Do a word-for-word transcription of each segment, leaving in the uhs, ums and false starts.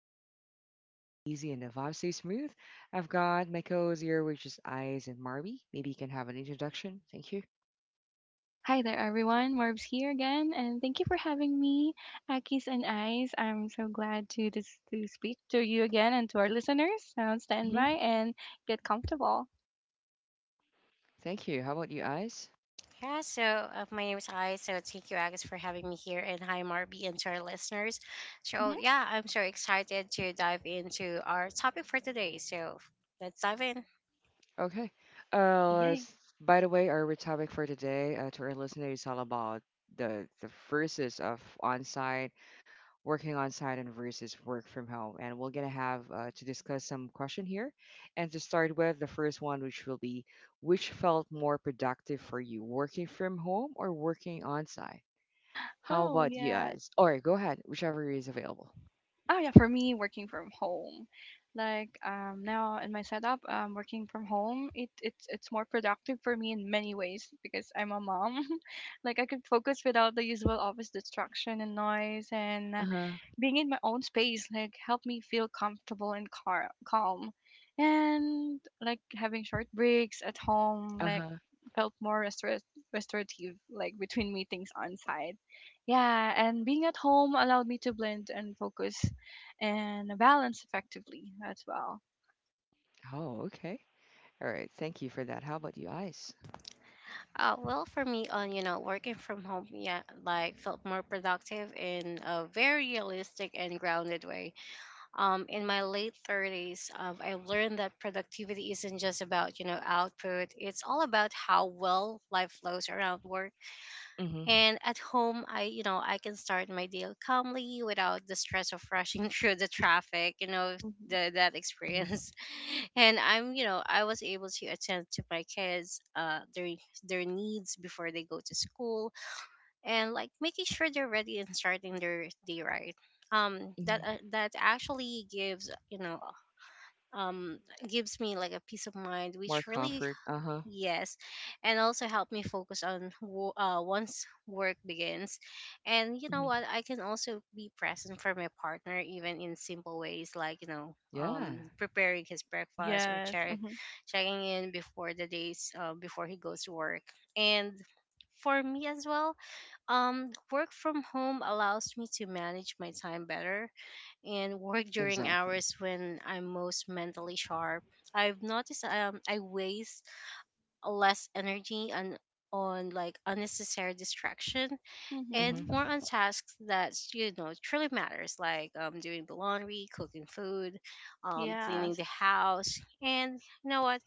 zone where conversation flow easy and the vibe stay smooth. I've got my co-host here, which is Eyes and Marby. Maybe you can have an introduction. Thank you. Hi there, everyone. Marbs here again, and thank you for having me, Akis and Eyes. I'm so glad to this to speak to you again and to our listeners. So stand hmm by and get comfortable. Thank you. How about you, Eyes? Yeah, so uh, my name is I. So thank you, Agus, for having me here, and hi, Marby, and to our listeners. So Mm-hmm. yeah, I'm so excited to dive into our topic for today. So let's dive in. Okay. Uh, Yay. let's- by the way, our topic for today uh, to our listeners is all about the the verses of on working on site and versus work from home. And we're gonna have uh, to discuss some question here. And to start with, the first one, which will be, which felt more productive for you, working from home or working on site? How Oh about you yeah. guys? All right, go ahead, whichever is available. Oh yeah. For me, working from home, like um now in my setup, um working from home, it it's it's more productive for me in many ways because I'm a mom. Like I could focus without the usual office distraction and noise, Uh and huh. being in my own space like helped me feel comfortable and car- calm, and like having short breaks at home Uh like huh. felt more restor- restorative like between meetings on site. Yeah, and being at home allowed me to blend and focus and balance effectively as well. Oh, okay. All right. Thank you for that. How about you guys? Uh, well, for me, on you know, working from home, yeah, like felt more productive in a very realistic and grounded way. Um, in my late thirties, um, I learned that productivity isn't just about you know output; it's all about how well life flows around work. Mm-hmm. And at home, I, you know, I can start my day calmly without the stress of rushing through the traffic, you know, Hmm. the, that Mm-hmm. experience. And I'm, you know, I was able to attend to my kids, uh, their, their needs before they go to school, and like making sure they're ready and starting their day right. Um, that, hmm uh, That actually gives, you know, um, gives me like a peace of mind, More which really. comfort. Uh huh. Yes, and also help me focus on wo- uh, once work begins. And you know hmm what? I can also be present for my partner, even in simple ways like, you know, Yeah. um, preparing his breakfast or Yes. check, Hmm. checking in before the days, uh, before he goes to work. And for me as well, um, work from home allows me to manage my time better and work during Exactly. hours when I'm most mentally sharp. I've noticed um, I waste less energy and on like unnecessary distraction, and Hmm. Mm-hmm. more on tasks that you know truly matters like um, doing the laundry, cooking food, um, cleaning Yes. the house. And you know what,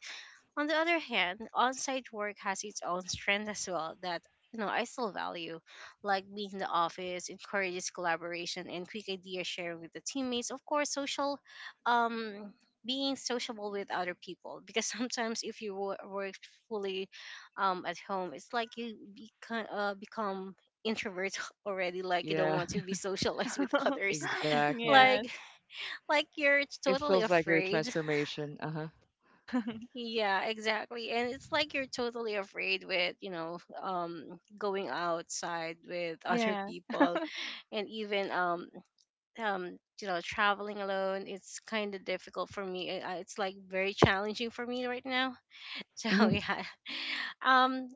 on the other hand, on-site work has its own strength as well that you know I still value, like being in the office encourages collaboration and quick idea sharing with the teammates. Of course, social, um, being sociable with other people, because sometimes if you wo- work fully, um, at home, it's like you become uh, become introvert already, like you don't want Yeah. to be socialized with others Exactly. Yes. like like you're It totally feels like your afraid. transformation. Uh huh. Yeah, exactly. And it's like you're totally afraid with, you know, um going outside with other Yes. people, and even um um you know, traveling alone. It's kind of difficult for me. I- I- It's like very challenging for me right now. So, Mhm. yeah. Um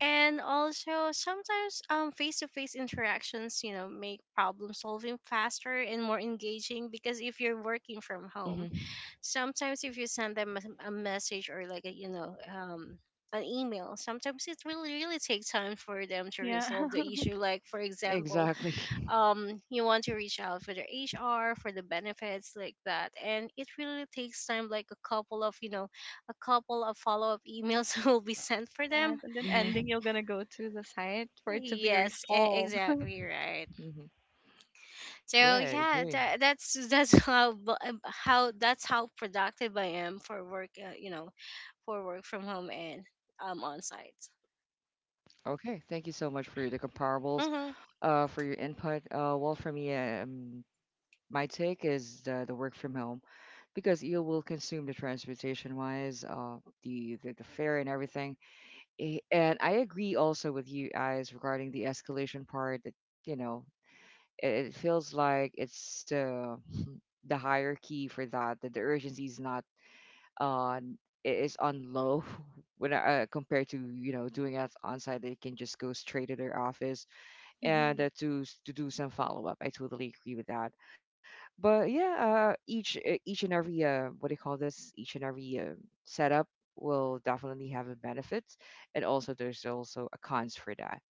and also sometimes um face-to-face interactions, you know, make problem solving faster and more engaging, because if you're working from home, Mhm. sometimes if you send them a a message, or like a, you know um an email, sometimes it really really takes time for them to Yeah. resolve the issue, like for example, Exactly. um you want to reach out for the HR for the benefits like that, and it really takes time, like a couple of you know a couple of follow-up emails will be sent for Yes, them. and then ending, Mhm. you're gonna go to the site for it to be Yes, e- resolved. exactly right. Mhm. Yeah, So I yeah, agree. that, that's that's how bu- um, how that's how productive I am for work. Uh, you know, for work from home and um on site. Okay, thank you so much for the comparables. Mm-hmm. Uh, for your input. Uh, well, for me, um, my take is the the work from home, because you will consume the transportation wise, uh, the the, the fare and everything. Eh, and I agree also with you guys regarding the escalation part. That you know, it, it feels like it's uh the hierarchy for that that the urgency is not on it is on low when uh, compared to you know doing it on site they can just go straight to their office Mhm. and uh, to s- to do some follow up. I totally agree with that, but yeah uh, each uh, each and every uh, what do you call this, each and every uh, setup will definitely have a benefits, and also there's also a cons for that.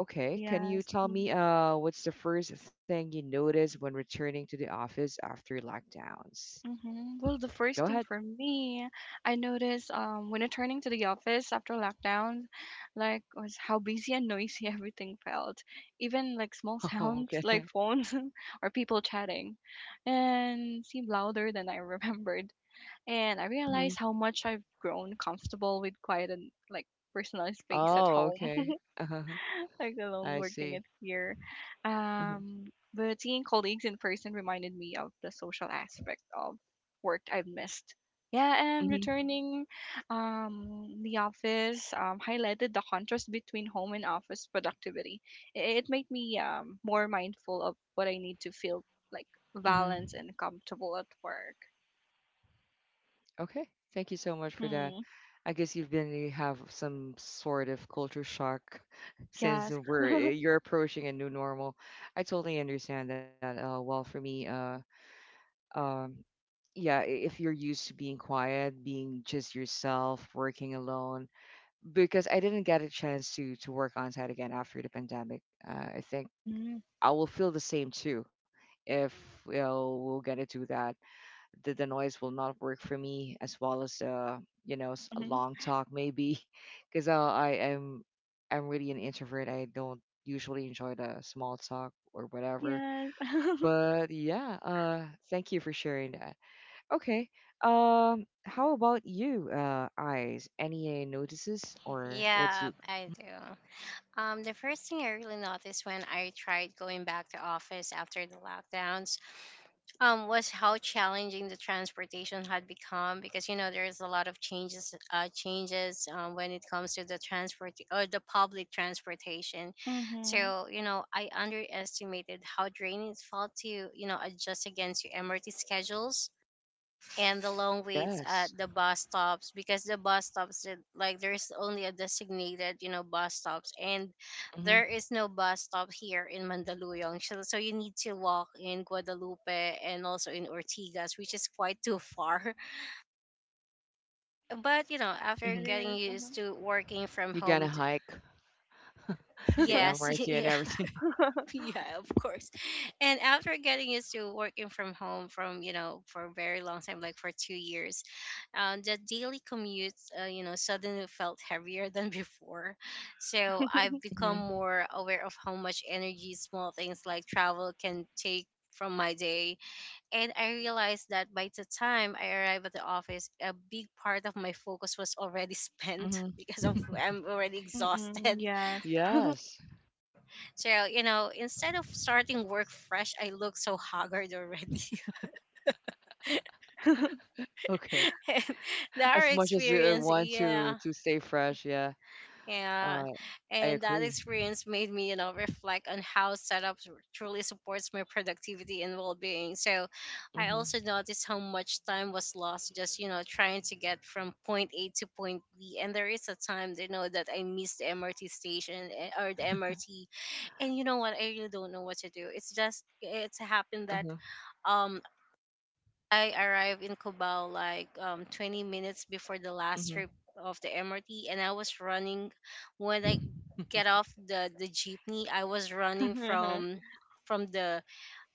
Okay, can you Yes. tell Hmm. me uh what's the first thing you notice when returning to the office after lockdowns? Hmm. Well, the Go first thing ahead. for me, I noticed um, when returning to the office after lockdown, like was how busy and noisy everything felt. Even like small Oh, sounds like okay. phones or people chatting, and seemed louder than I remembered. And I Mhm. realized how much I've grown comfortable with quiet and like personalized space at Oh, home. okay. Uh-huh. Like alone I working see. it here. Mm-hmm. Um, but seeing colleagues in person reminded me of the social aspect of work I've missed. Yeah, and returning um, the office um, highlighted the contrast between home and office productivity. I- It made me um, more mindful of what I need to feel like hmm balanced and comfortable at work. Okay. Thank you so much for that. Hmm. I guess you've been you have some sort of culture shock since Yes. we're eh, you're approaching a new normal. I totally understand that. Uh, well, for me, uh, um, yeah, i- if you're used to being quiet, being just yourself, working alone, because I didn't get a chance to to work on site again after the pandemic. Uh, I think Mhm. I will feel the same too. If you know, we'll get to do that, the, the noise will not work for me as well as uh you know s- a long talk maybe, because uh, I am I'm really an introvert. I don't usually enjoy the small talk or whatever. Yes. But yeah, uh, thank you for sharing that. Okay, um, how about you, uh, eyes? Any uh, notices or what Yeah, you? I do. Um, the first thing I really noticed when I tried going back to office after the lockdowns, um, was how challenging the transportation had become, because you know there's a lot of changes, uh, changes um, when it comes to the transport or the public transportation. Hmm. So you know I underestimated how draining it felt to you know adjust against your M R T schedules and the long waits Yes. at the bus stops, because the bus stops it- like there's only a designated you know bus stops, and there Mm-hmm, is no bus stop here in Mandaluyong, so so you need to walk in Guadalupe, and also in Ortigas, which is quite too far. But you know after Yeah, it mm-hmm. getting is. used to working from You gonna home d- hike the Uh-huh. yes M R T and yeah, everything. yeah, of course. And after getting used to working from home from, you know, for a very long time, like for two years, um, the daily commute, uh, you know, suddenly felt heavier than before. So I've become Mhm, more aware of how much energy small things like travel can take from my day. And I realized that by the time I arrived at the office, a big part of my focus was already spent mhm. because of I'm already Mm-mm, exhausted, yes. Yes. so, you know, instead of starting work fresh, I look so haggard already. Okay. And that As much as you uh, experience, want to yeah, to stay fresh, yeah. yeah. Uh, I And that agree. experience made me, you know, reflect on how setup truly supports my productivity and well being. So Mhm. I also noticed how much time was lost just, you know, trying to get from point A to point B. And there is a time, you know, that I missed the M R T station eh, or the M R T. And you know what? I really don't know what to do. It's just, it's happened Uh-huh. that um I arrived in Cubao like um, twenty minutes before the last Mhm. trip of the M R T, and I was running when I get off the the jeepney. I was running from from the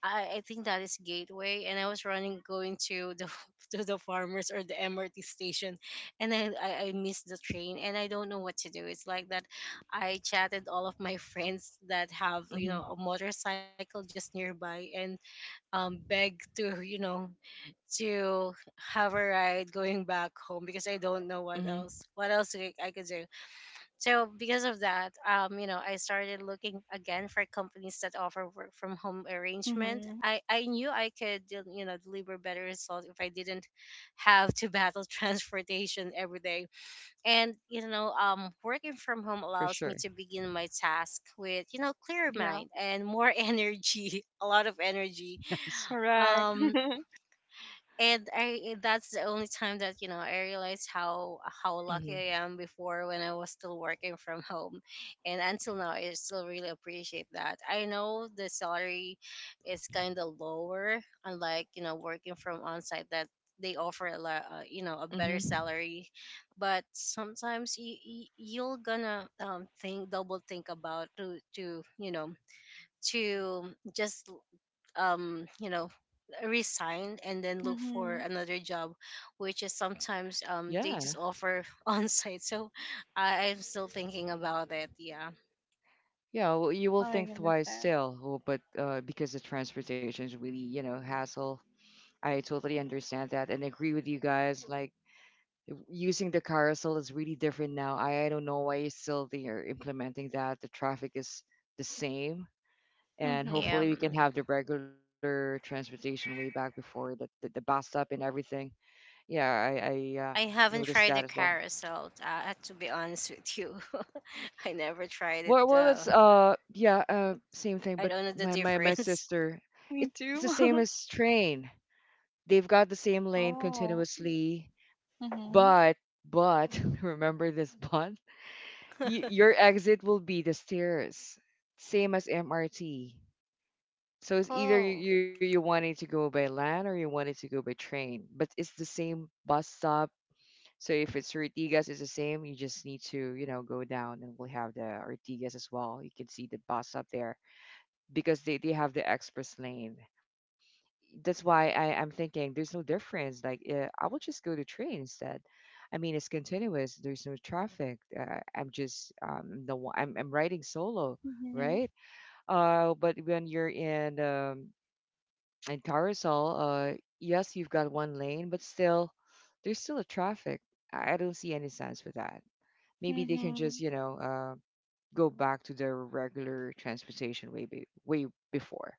I, I think that is Gateway, and I was running going to the to the farmers or the M R T station, and I, I I missed the train, and I don't know what to do. It's like that. I chatted all of my friends that have you know Mhm. a motorcycle just nearby, and um beg to you know to have a ride going back home, because I don't know what Mhm. else what else I, I could do. So because of that, um, you know, I started looking again for companies that offer work from home arrangement. Mm-hmm. I I knew I could del- you know deliver better results if I didn't have to battle transportation every day. And you know, um, working from home For allows me sure. to begin my task with you know clearer Yeah, mind and more energy, a lot of energy. Yes. correct. um and I that's the only time that you know I realized how how lucky Mhm. I am before when I was still working from home, and until now I still really appreciate that. I know the salary is kind of lower, unlike you know working from on site, that they offer a lot, uh, you know a better Mhm. salary, but sometimes you, you'll gonna um think double think about to to you know to just um you know resign and then look for Mm-hmm. another job, which is sometimes um they Yeah. just offer on site. So I, i'm still thinking about it, yeah. Yeah, well, you will I think twice understand. still, w- but uh, because the transportation is really, you know, hassle. I totally understand that and agree with you guys. Like w- using the carousel is really different now. I, I don't know why still they are implementing that. The traffic is the same. And hopefully Mm-hmm. we can um have the regular transportation way back before the, the, the bus stop and everything. Yeah, I, I uh, I haven't noticed tried the that as well. carousel uh, to be honest with you. I never tried Well, it, well, uh it's uh, yeah, uh, same thing. I But don't know the my, my my difference. sister, Me it's the too. same as train. They've got the same lane Oh. continuously, Mm-hmm. but but remember this bond? Y- your exit will be the stairs, same as M R T. So it's either you, Oh you you wanted to go by land or you wanted to go by train, but it's the same bus stop. So if it's Ortigas, it's the same. You just need to you know go down, and we'll have the Ortigas as well. You can see the bus stop there because they they have the express lane. That's why I, I'm thinking there's no difference. Like, uh, I will just go to train instead. I mean, it's continuous. There's no traffic. Uh, I'm just um, the one, I'm I'm riding solo, Mm-hmm. right? Uh, but when you're in um, in carousel, uh, yes, you've got one lane, but still, there's still a traffic. I I don't see any sense for that. Maybe they can Mm-hmm. just you know uh, go back to their regular transportation way be- way before.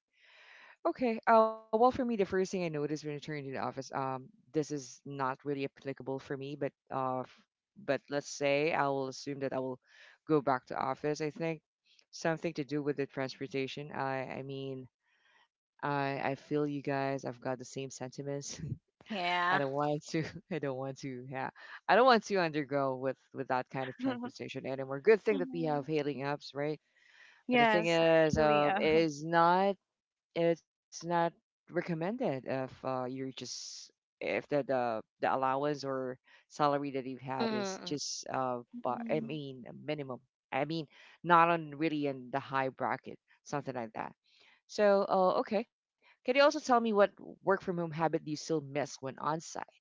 Okay. Uh, well, for me, the first thing I noticed when I turned into the office, um, this is not really applicable for me, but uh, f- but let's say I will assume that I will go back to office. I think something to do with the transportation. I I mean, I I feel you guys. I've got the same sentiments. I yeah. don't want to. I don't want to. Yeah, I don't want to undergo with with that kind of transportation anymore. Good thing that we Mm-hmm. have hailing apps, right? But the thing Yes, is, really. uh, Uh, it is not it's not recommended if uh, you're just if the, the the allowance or salary that you've had is Hmm, just uh but I mm. mean a minimum, I mean not on really in the high bracket, something like that. So uh, okay, can you also tell me what work from home habit you still miss when on site?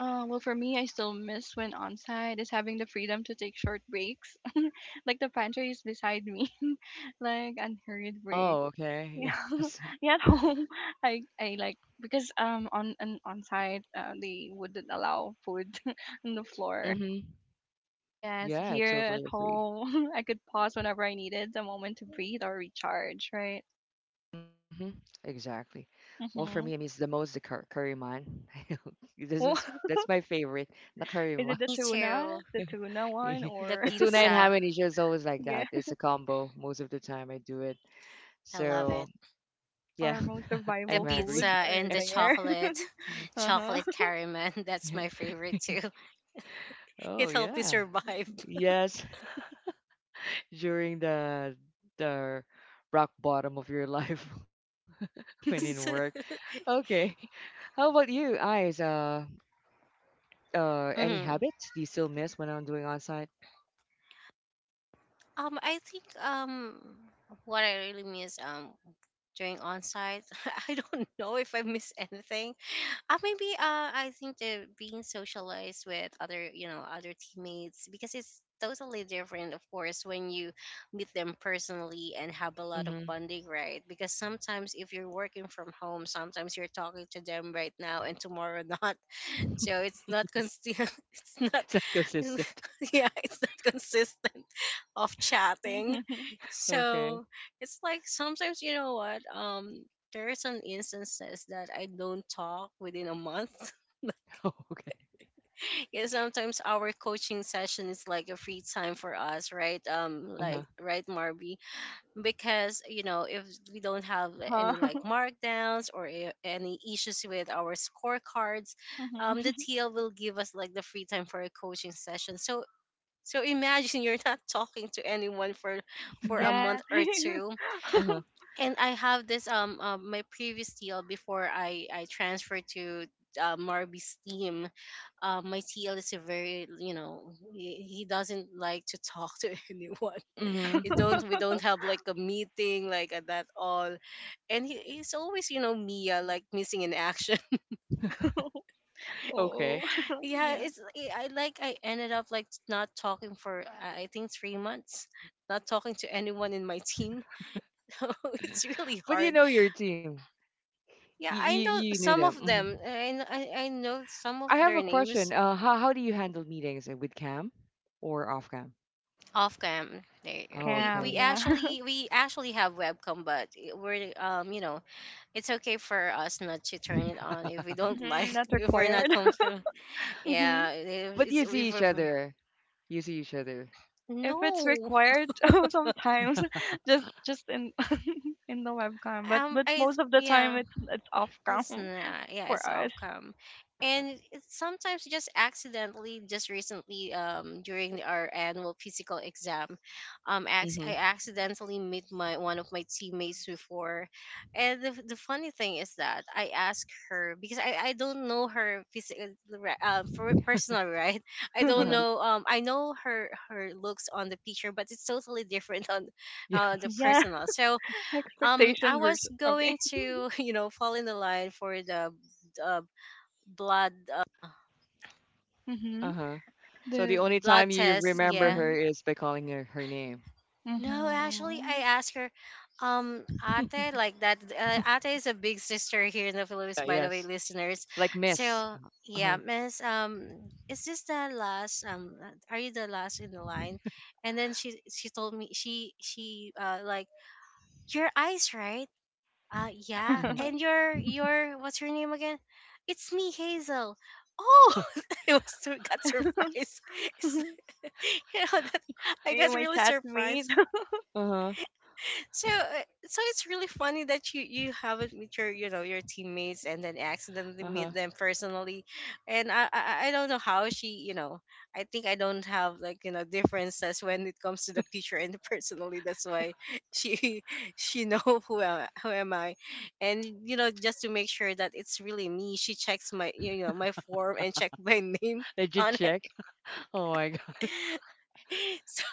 Uh, well, for me, I still miss when onsite is having the freedom to take short breaks. Like the pantry is beside me, like unhurried break. Oh okay. Yeah, Yes. yeah. At home, I I like because um on on on site uh, they wouldn't allow food on the floor. Mm-hmm. Yes, Yeah, I here at totally agree. home, I could pause whenever I needed a moment to breathe or recharge. Right. hmm Exactly. Well, for me, it Mhm. means the most the cur- curry man. This Well, is, that's my favorite, the curry is man. it the me tuna, too. the tuna one, The or The tuna and ham pizza, and is always like yeah, that. It's a combo most of the time I do it. I love So it. yeah, our most I'm The survival hungry. pizza foods are and the there. chocolate Uh huh. chocolate caramel, that's my favorite too. Oh It helped me yeah, survive. yes. During the the rock bottom. Uh, any Hmm. habits do you still miss when I'm doing on site? Um, I think um, what I really miss um during on site, I don't know if I miss anything. Uh, maybe uh, I think the being socialized with other, you know, other teammates, because it's totally different, of course, when you meet them personally and have a lot of Mm-hmm. bonding, right? Because sometimes if you're working from home, sometimes you're talking to them right now and tomorrow not. So it's not consistent. It's not, It's not consistent. yeah, it's not consistent of chatting. Okay. So it's like sometimes you know what? Um there are some instances that I don't talk within a month. Okay. Yeah, sometimes our coaching session is like a free time for us, right? Um Uh-huh. Like right Marby, because you know if we don't have Uh huh. any like markdowns or i- any issues with our scorecards, um the Mhm. T L will give us like the free time for a coaching session. So so imagine you're not talking to anyone for for a month Yeah. or two. Uh-huh. And I have this um uh, my previous T L before I I transferred to uh, Marby's team. Uh, my T L is a very you know he, he doesn't like to talk to anyone. It Mm-hmm. don't we don't have like a meeting like at that all. And he, he's always you know Mia like missing in action. Okay. Oh, Yeah, yeah. it's I I- like I ended up like not talking for I I think three months, not talking to anyone in my team. So it's really But you hard. know your team. You Yeah, I you, know you knew some them. of hmm them. I kn- I, I know some of I have their a question. names Uh, how how do you handle meetings uh, with cam or off cam? off cam. They Oh, we Scam. we okay. Yeah. actually we actually have webcam, but it- we're um you know it's okay for us not to turn it on if we don't Mhm, like not if we're not required. comfortable. Mhm. Yeah, it- But it's you see if each we're other. You see each other. If it's no. required, sometimes just just in in the webcam, but um but I most of the time Yeah, it's it's off cam it's not, yeah, for it's us. outcome, and it's sometimes just accidentally. Just recently, um, during our annual physical exam, um, ac- I Mm-hmm. accidentally meet my one of my teammates before, and the, the funny thing is that I asked her because I, I don't know her physical, um, for personal right. I don't Uh-huh. know. Um, I know her her looks on the picture, but it's totally different on, uh, the Yes. Yeah, personal. So um I expectation was versus okay. going to you know fall in the line for the uh, blood Mhm. Uh-huh. So the The only blood time you test remember yeah her mhm. is by calling her her name. no actually I Mhm. asked her um ate like that uh, ate is a big sister here in the Uh, philippines by the yes. way listeners Like miss. so yeah Uh-huh. miss um is this the last um are you the last in the line, and then she she told me she she uh like your eyes right. Uh yeah. Mhm. And your your what's your name again? It's me, Hazel. Oh, I was so got surprised. It's- you know, that, Are I you got my really chatmate? surprised. Uh-huh, So, uh, so it's really funny that you you haven't met your you know your teammates and then accidentally uh-huh. meet them personally, and I I, I don't know how she you know I think I don't have like you know differences when it comes to the picture and the personally. That's why she she know who am who am I, and you know just to make sure that it's really me, she checks my you know my form and check my name Did you on check? Oh my god. it. so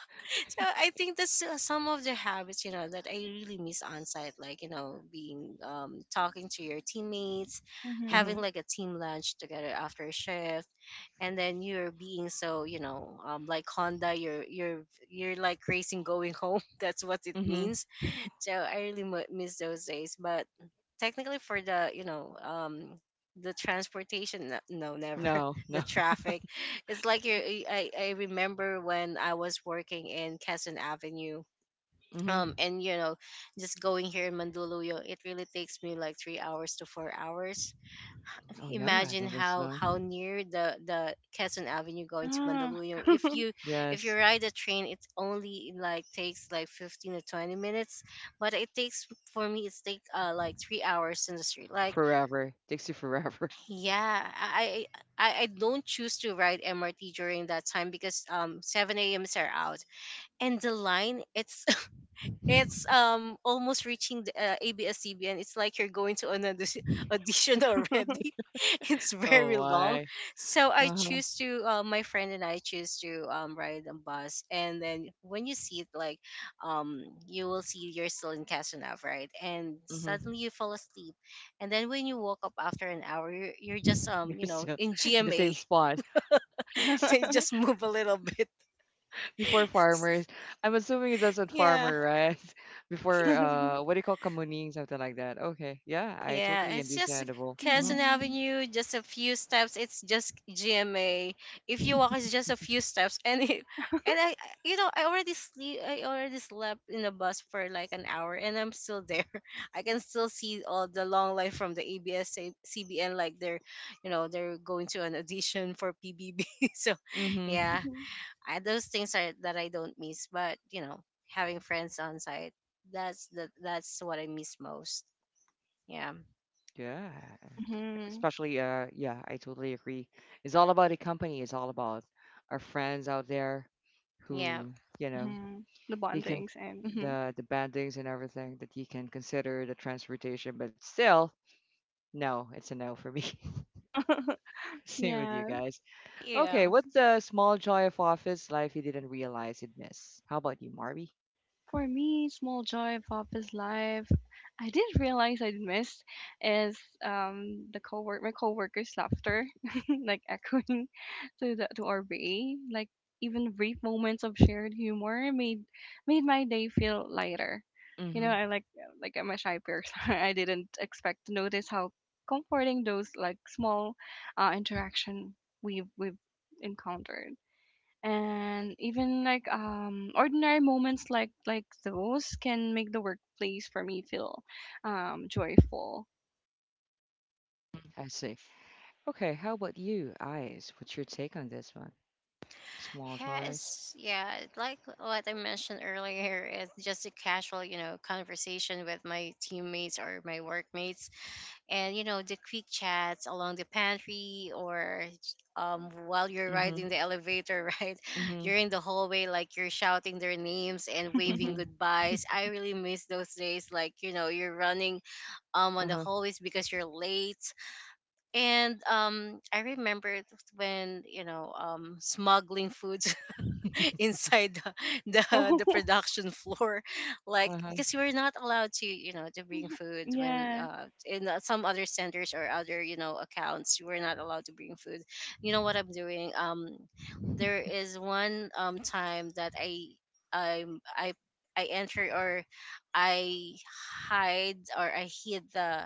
so I think that's uh, some of the habits you know that I really miss on site, like you know being um talking to your teammates, Mhm, having Mhm. like a team lunch together after a shift, and then you're being so you know um like Honda, you're you're you're like racing going home. That's what it mhm. means. So I really mu miss those days, but technically for the you know um the transportation n- no never No, the no. traffic it's like you I, I remember when I was working in Quezon Avenue um Mhm. and you know just going here in Mandaluyong, it really takes me like three hours to four hours. Oh yeah, Imagine that was how no. how near the the Quezon Avenue going to Yeah. Mandaluyong. If you, if you Yes, ride a train, it only like takes like fifteen or twenty minutes, but it takes, for me it's take uh like three hours in the street like forever. Takes you forever. yeah, I I, I don't choose to ride M R T during that time because um seven a m s are out and the line it's it's um almost reaching the uh, A B S C B N. It's like you're going to an audi- audition already. It's Oh very long, why? so I Uh-huh. choose to uh, my friend and I choose to um ride a bus. And then when you see it, like um you will see you're still in Casanova, right? And Mhm. suddenly you fall asleep, and then when you woke up after an hour, you're, you're just You're um you know still in in the same G M A. spot They just move a little bit. before farmers. I'm assuming it's also Yeah. farmer, right? Before uh, what do you call kamuning, something like that. Okay, yeah, I Yeah, totally it's just understandable. Mhm, Quezon Mhm. Avenue, just a few steps. It's just G M A. If you walk, it's just a few steps, and it, and I, I- you know, I already sleep. I already slept in the bus for like an hour, and I'm still there. I can still see all the long line from the A B S C B N, like they're, you know, they're going to an audition for P B B. So, yeah, mhm. I, those things are that I don't miss. But you know, having friends on site, that's the that's what I miss most. Yeah. Yeah, Mhm. especially uh yeah I totally agree, it's all about the company, it's all about our friends out there Yeah. who you know Mm-hmm. The you can bondings and hmm the the bandings and everything, that you can consider the transportation, but still no, it's a no for me. Same with you yeah, guys. Okay, Yeah. what's a small joy of office life you didn't realize you'd miss? How about you, Marby? for me, small joy of office life. I did realize I missed is um the cowork my coworkers' laughter, like echoing to the to our bay. Like even brief moments of shared humor made made my day feel lighter. You know, Mm-hmm. I like like I'm a shy person. I didn't expect to notice how comforting those like small uh, interaction we've we've encountered. And even like um ordinary moments like like those can make the workplace for me feel um joyful. I see. Okay, how about you, eyes? What's your take on this one, small Yeah, joys? it's yeah, like what I mentioned earlier, it's just a casual, you know, conversation with my teammates or my workmates, and you know, the quick chats along the pantry or um while you're riding Mm-hmm. the elevator, right? Mm-hmm. You're in the hallway, like you're shouting their names and waving Mm-hmm. goodbyes. I really miss those days, like you know, you're running um on Uh-huh. the hallways because you're late. And um, I remember when you know um, smuggling foods inside the, the the Oh. production floor like Uh-huh. because you were not allowed to you know to bring food when Yeah, uh in uh, some other centers or other you know accounts you were not allowed to bring food. You know what I'm doing um there is one um time that I I I I enter or I hide or I hid the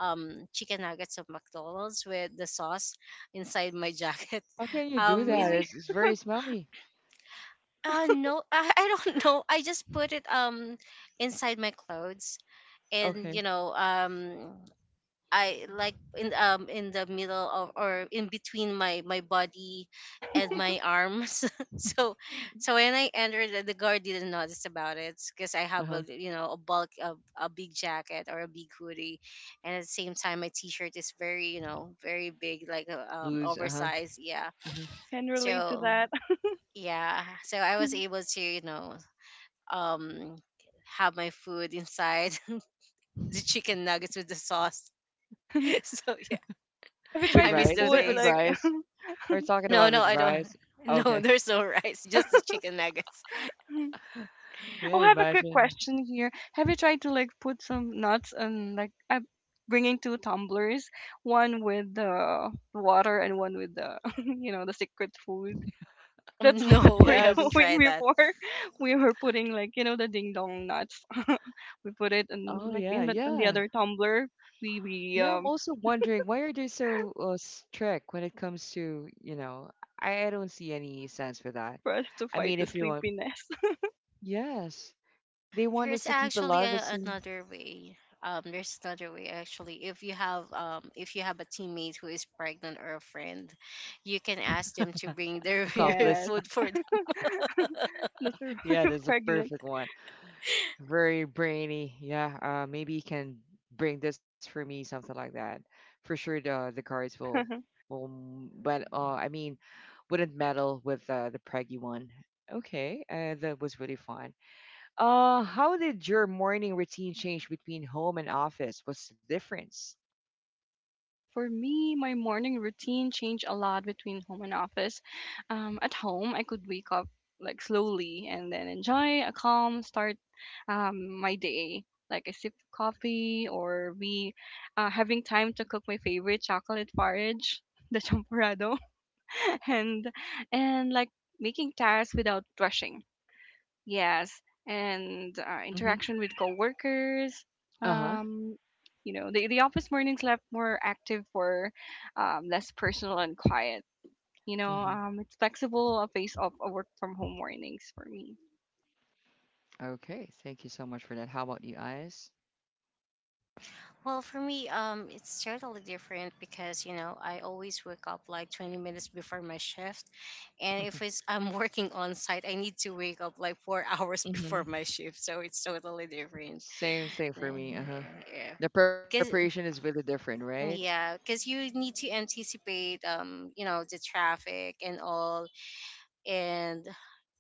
um chicken nuggets of McDonald's with the sauce inside my jacket. How can you do um that? it, really. It's, it's very smelly. uh no, I, I don't know. I just put it um inside my clothes and Okay. you know um I like in um in the middle of or in between my my body and my arms. so so when I entered, the, the guard didn't notice about it because I Uh have huh. a you know a bulk of a big jacket or a big hoodie, and at the same time my t-shirt is very you know very big like uh, um Lose. Uh huh. oversized yeah. hmm I can relate to So that. yeah, so I was able to you know um have my food inside the chicken nuggets with the sauce. Have So yeah, you With I tried to miss rice? those Is put it with days. like rice? We're talking No, about no, with I don't. rice. No, Okay. there's no rice, just the chicken nuggets. Yeah. oh, I have a quick Imagine. question here. Have you tried to like put some nuts and like I'm bringing two tumblers, one with the water and one with the you know the secret food. That's Um, what no, I we're haven't Yes. doing tried that. before. We were putting like you know the ding dong nuts. We put it in Oh like yeah. in the, in the Yeah. other tumbler. We we Yeah. I'm um also wondering why are they so uh, strict when it comes to you know. I, I don't see any sense for that. for us to I fight mean, the if you want, sleepiness. yes, they want There's us to keep actually alive as a, soon. another way. Um, there's another way actually. If you have um, if you have a teammate who is pregnant or a friend, you can ask them to bring their your Accomplice. Yes, food for. those are Yeah, there's a pregnant. perfect one. Very brainy. Yeah, uh, maybe you can bring this for me, something like that. For sure, the the cards will will, m- but uh, I mean, wouldn't meddle with uh, the preggy one. Okay, uh, that was really fun. Uh, how did your morning routine change between home and office? What's the difference? For me, my morning routine changed a lot between home and office. Um, at home, I could wake up like slowly and then enjoy a calm start um, my day. Like a sip of coffee or we uh, having time to cook my favorite chocolate porridge, the champurrado, and and like making tasks without rushing. Yes, and uh, hmm interaction with coworkers. Uh-huh. Um, you know, the the office mornings left more active for um, less personal and quiet. You know, hmm um, it's flexible a face of a work from home mornings for me. Okay, thank you so much for that. How about you, Eyes? Well, for me, um, it's totally different because you know I always wake up like twenty minutes before my shift, and if it's I'm working on site, I need to wake up like four hours hmm before my shift, so it's totally different. Same thing for Then, me. Uh-huh. yeah, The preparation because is really different, right? yeah, because you need to anticipate, um, you know, the traffic and all, and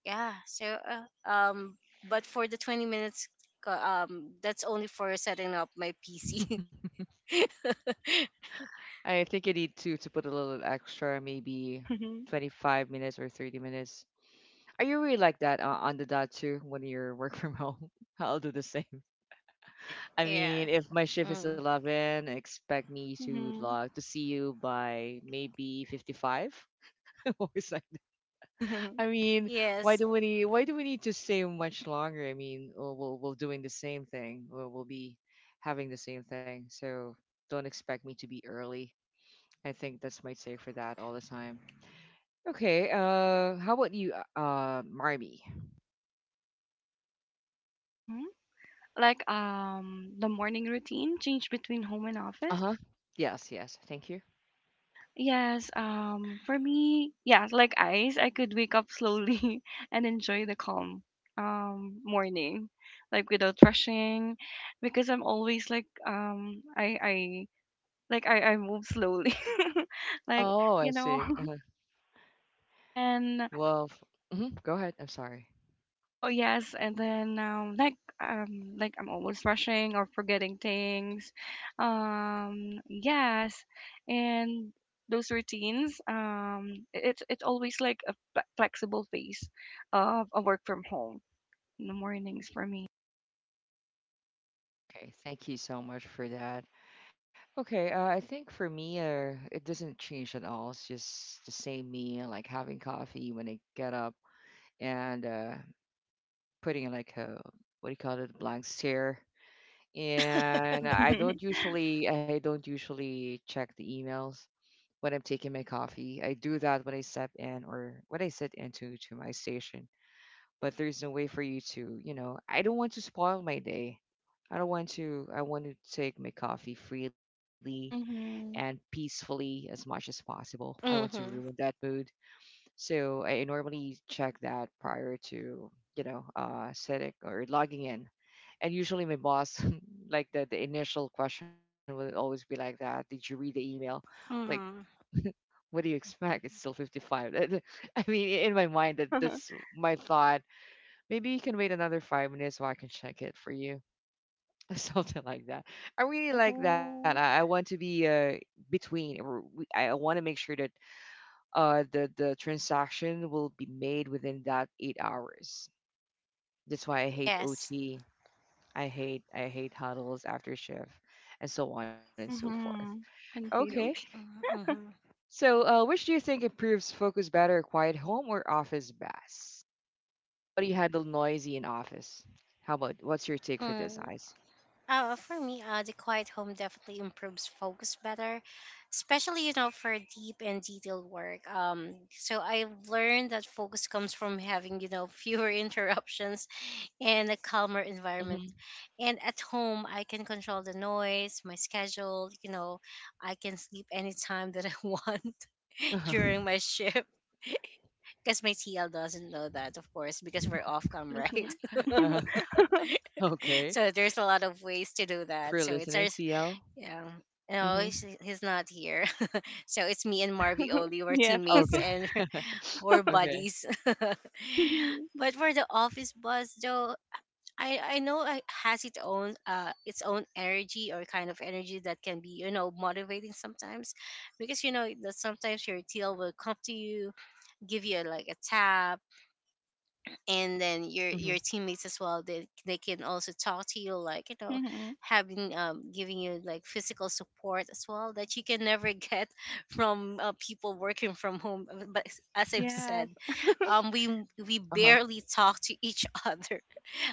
yeah, so uh, um, but for the twenty minutes, uh, um, that's only for setting up my P C. I think you need to to put a little extra, maybe Hmm. twenty-five minutes or thirty minutes. Are you really like that uh, on the dot too when you're work from home? I'll do the same. I Yeah. mean, if my shift is Mm. eleven, expect me to Hmm. log to see you by maybe fifty-five. Always like that. Hmm. I mean, why Yes. do we need why do we need to stay much longer? I mean, we'll we'll, we'll doing the same thing. We'll, we'll be having the same thing. So don't expect me to be early. I think that's my take for that all the time. Okay. Uh, how about you, uh, uh, Marmy? Like um, the morning routine change between home and Uh huh. office. Yes. Yes. Thank you. Yes, um, for me, yeah, like ice, I could wake up slowly and enjoy the calm um morning, like without rushing, because I'm always like um I I like I I move slowly, like Oh, I you know, see. Uh-huh. and Well, f- mhm, Go ahead. I'm sorry. oh yes, and then um, like um, like I'm always rushing or forgetting things. Um, yes, and those routines. Um, it- it's it's always like a fle- flexible phase of a work from home in the mornings for me. Okay. Thank you so much for that. Okay. Uh, I think for me, uh, it doesn't change at all. It's just the same me, like having coffee when I get up and uh, putting like a, what do you call it, a blank stare. And I don't usually, I don't usually check the emails when I'm taking my coffee. I do that when I step in or when I sit into to my station. But there's no way for you to, you know, I don't want to spoil my day. I don't want to I want to take my coffee freely and Mm-hmm. peacefully as much as possible. I don't want to ruin Mm-hmm. that mood. So I normally check that prior to, you know, uh, setting or logging in. And usually my boss like the, the initial question will always be like that. Did you read the email? Like Mm-hmm. what do you expect? It's still fifty-five. That- that- I mean, in my mind, that that's my thought. Maybe you can wait another five minutes so I can check it for you. Something like that. I really like that. Woohoo. I, I want to be, uh, between, or we- I want to make sure that uh the the transaction will be made within that eight hours. That's why I hate Yes. O T. I hate I hate huddles after shift, and so on and so forth. Hmm. And Okay. fade out. Mm-hmm. So, uh, which do you think improves focus better, quiet home or office bass? How do you handle noisy in office? How about, what's your take for this, Mm. Ice? Uh, for me, uh, the quiet home definitely improves focus better, especially you know for deep and detailed work. Um, so I've learned that focus comes from having you know fewer interruptions and a calmer environment. Mm-hmm. And at home, I can control the noise, my schedule. You know, I can sleep anytime that I want Uh-huh. during my shift, because my T L doesn't know that, of course, because we're off cam, Mhm. right? Uh-huh. Okay. So there's a lot of ways to do that. For So it's our, listening, s- T L. yeah. No, Mm-hmm. he's, he's not here. So it's me and Marvy only. We're Yes. teammates Okay. and we're Okay. buddies. But for the office bus, though, I, I know it has its own uh its own energy or kind of energy that can be you know motivating sometimes, because you know that sometimes your T L will come to you, give you like a tap, and then your your Mm-hmm. teammates as well they, they can also talk to you like you know Mm-hmm. having um giving you like physical support as well that you can never get from uh, people working from home. Uh, but s- as I've Yes. said um we Uh-huh. m- we barely talk to each other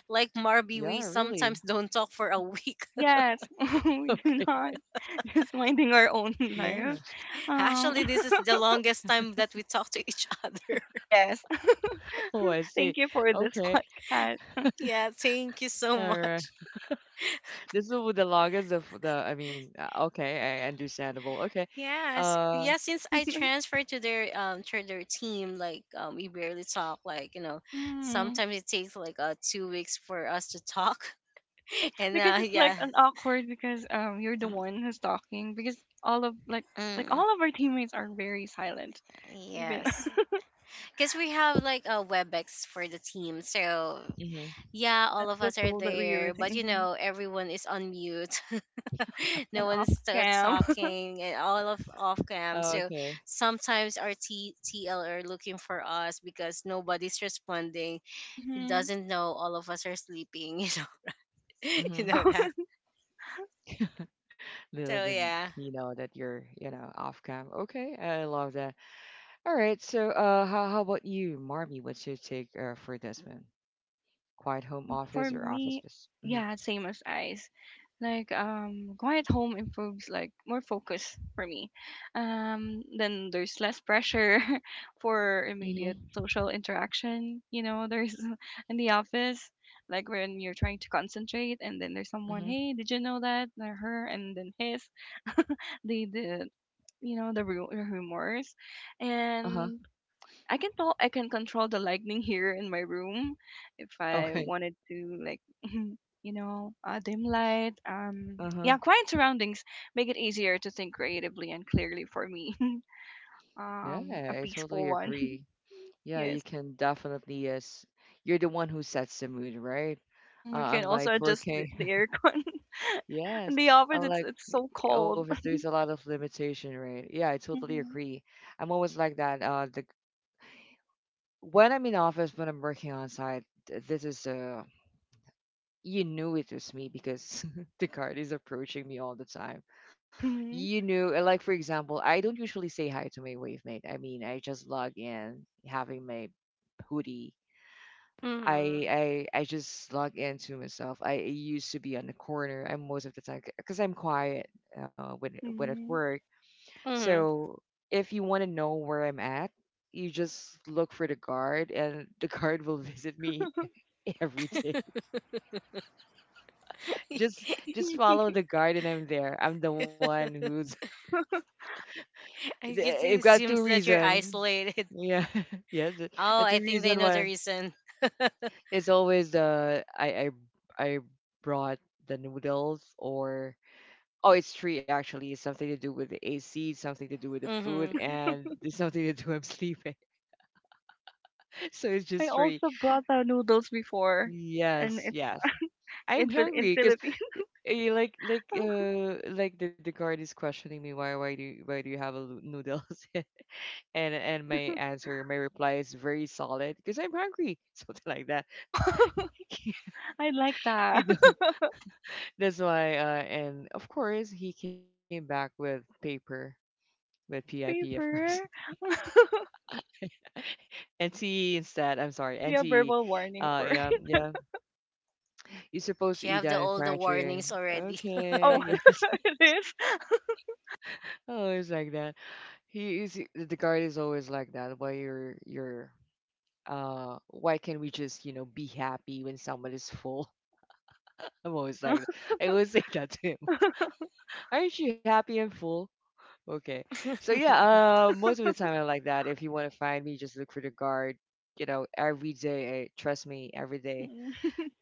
like Yeah, Marby. We really. sometimes don't talk for a week. Yes, we Okay. do not. Just minding our own Yeah. life. Um, Actually this is the longest time that we talk to each other. yes. Oh, I see. Thank you for this Okay. podcast. Yeah, thank you so All right. much. This is with the longest of the, I mean, uh, okay, I understandable. Okay. Yes, Uh, yeah. Since I transferred to their um to their team, like um, we barely talk. Like you know, Mm. sometimes it takes like uh two weeks for us to talk. Like And because uh, it's yeah, like an awkward because um you're the one who's talking because all of like like mm, all of our teammates are very silent. Even yes, because we have like a Webex for the team. So mm-hmm. yeah, all that's of the us are tool that we're there, using. but you Hmm. know, everyone is on mute. No And off one's t- cam. talking, and all of off cam. So Okay. sometimes our T- TL are looking for us because nobody's responding. He Hmm. doesn't know all of us are sleeping, you know. You Mm-hmm. know that. Little So did yeah. he know that you're, you know, off cam. Okay, I love that. All right, so, uh, how how about you, Marmy? What's your take, uh, for this one? Quiet home Um, for office or office me, space? Mm-hmm. yeah, same as eyes. Like, um, quiet home improves like more focus for me. Um, then there's less pressure for immediate Mm-hmm. social interaction. You know, there's in the office, like when you're trying to concentrate, and then there's someone, Mm-hmm. hey, did you know that? Or her, and then his, the the, you know, the ru- rumors, Uh-huh. and I can tell I can control the lightning here in my room if I Okay. wanted to like you know uh, dim light, um, Uh-huh. yeah, quiet surroundings make it easier to think creatively and clearly for me. Um, a Yeah, I peaceful totally one. agree. Yeah, you Yes. can definitely, yes. You're the one who sets the mood, right? Mhm, we Uh, can also unlike adjust the, working, the aircon in yes. the office. it's Unlike it's so cold. office, there's a lot of limitation, right? Yeah, I totally agree. I'm always like that. Uh, the When I'm in office, when I'm working on site, th- this is uh, you knew it was me because the card is approaching me all the time. Mhm. You knew, uh, like for example, I don't usually say hi to my wave mate. I mean, I just log in having my hoodie. Mm-hmm. I I I just log into myself. I used to be on the corner. I'm most of the time because I'm quiet, uh, when when at Mhm. work. Mm-hmm. So if you want to know where I'm at, you just look for the guard, and the guard will visit me every day. Just just Mhm. follow the guide and I'm there. I'm the one who's I guess I've it just got two seems that you're reason. isolated. Yeah. Yes. The Oh, the I two think they reason know the why reason. it's always the I I I brought the noodles, or oh, it's three actually. It's something to do with the A C, something to do with the Mm-hmm. food, and there's something to do I'm sleeping. So it's I just three. also brought out noodles before and Yes, it's yes. I'm in hungry, Phil- in hungry because. Philippines. Eh, like like uh like the, the guard is questioning me, why why do you, why do you have a loo- noodles? And and my answer my reply is very solid, because I'm hungry, something like that, Oh, I like you that. know. That's why, uh, and of course he came back with paper, with P I P of course, Paper. N C E, instead, I'm sorry, Should be a N C E. verbal warning Uh, for. yeah, yeah, you're supposed She to eat have the that in all the pantry. warnings already. Oh, Okay, yes. it is. Oh, it's like that. He is the guard is always like that. Why you're you're uh, why can't we just, you know, be happy when someone is full? I'm always like that. I always say that to him. Aren't you happy and full? Okay. So yeah, uh, most of the time I'm like that. If you want to find me, just look for the guard, you know, every day. Eh, trust me, every day, Mm.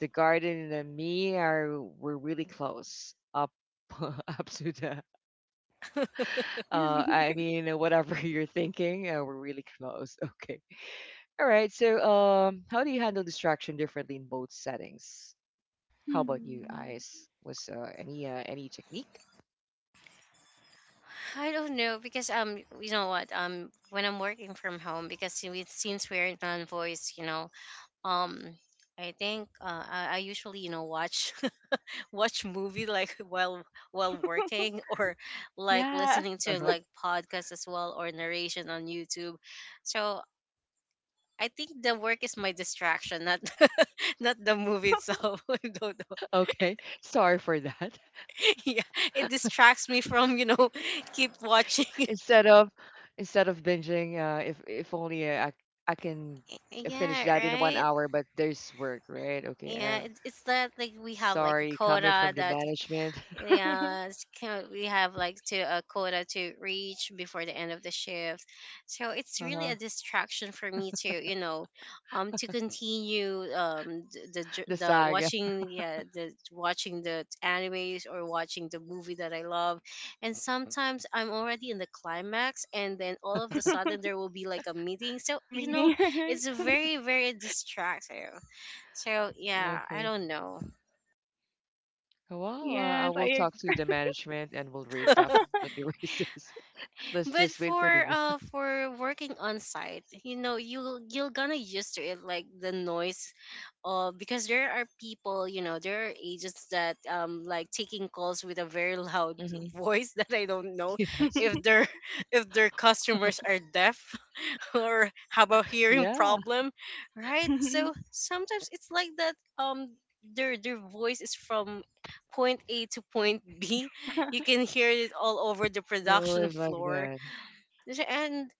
the garden and me are, we're really close up up to the, uh, I mean, uh, Really? whatever, you're thinking uh, we're really close. Okay. All right, so, um, how do you handle distraction differently in both settings? How about you, Hmm. Ice? Was, uh, any, uh, any technique? I don't know because um you know what um when I'm working from home, because we, since we're non voice you know um I think uh, I, I usually you know watch watch movie like while while working or like Yeah. listening to Uh-huh. like podcasts as well or narration on YouTube. So I think the work is my distraction, not not the movie itself. I don't know. Okay. Sorry for that. Yeah, it distracts me from you know keep watching. Instead of Instead of binging, uh, if if only uh, I I can Yeah, finish that in right. one hour, but there's work, right? Yeah, Okay. it, Uh, it's that like we have like a sorry, quota coming from that. the management. Yeah, it's kind of, we have like to a quota to reach before the end of the shift. So it's really a Uh-huh. distraction for me to, you know, um to continue um the the, j- The the saga. watching yeah, the watching the animes or watching the movie that I love. And sometimes I'm already in the climax and then all of the The sudden there will be like a meeting. So, you know, meeting, right? it's very very distracting. So, yeah, I Okay. don't know. Well, uh, I Yes, will I talk to the management and we'll read definitely racist. Let's just But wait for for the. uh for working on site, you know, you you're gonna used to it like the noise uh, because there are people, you know, there are agents that um like taking calls with a very loud Mm-hmm. voice that I don't know Yes. if their if their customers are deaf or have a hearing Yeah. problem, right? agree. So sometimes it's like that um their their voice is from point A to point B. You can hear it all over the They always like production that. floor and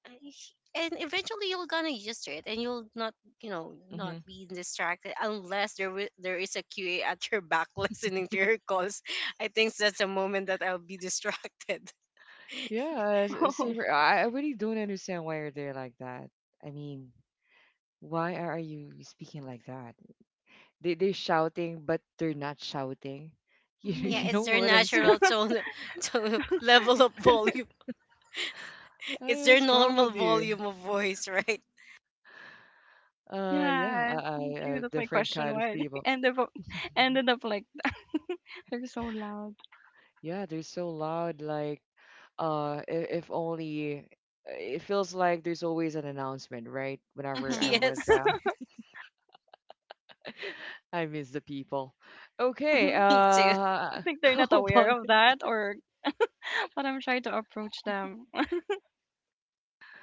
and eventually you are gonna use it and you'll not you know not Hmm. be distracted unless there wi- there is a Q A at your back listening to your calls. I think that's a moment that I'll be distracted. Yeah, s- uh, oh. Same for, I I really don't understand why are they like that. I mean, why are you speaking like that? They they're shouting, but they're not shouting. You Yeah, you know it's Mhm. their what I'm saying? natural tone tone level of volume. I mean, It's their what's wrong normal with you? volume of voice, right? Uh, yeah, I, Yeah, me I too. uh, That's my Different question. kind of Why they people. ended up ended up like that? They're so loud. Yeah, they're so loud. Like, uh, if, if only, it feels like there's always an announcement, right? Whenever I'm Hmm. with Yes, them, I miss the people. Okay, me I too, uh, think they're how not aware about? of that, or but I'm trying to approach them.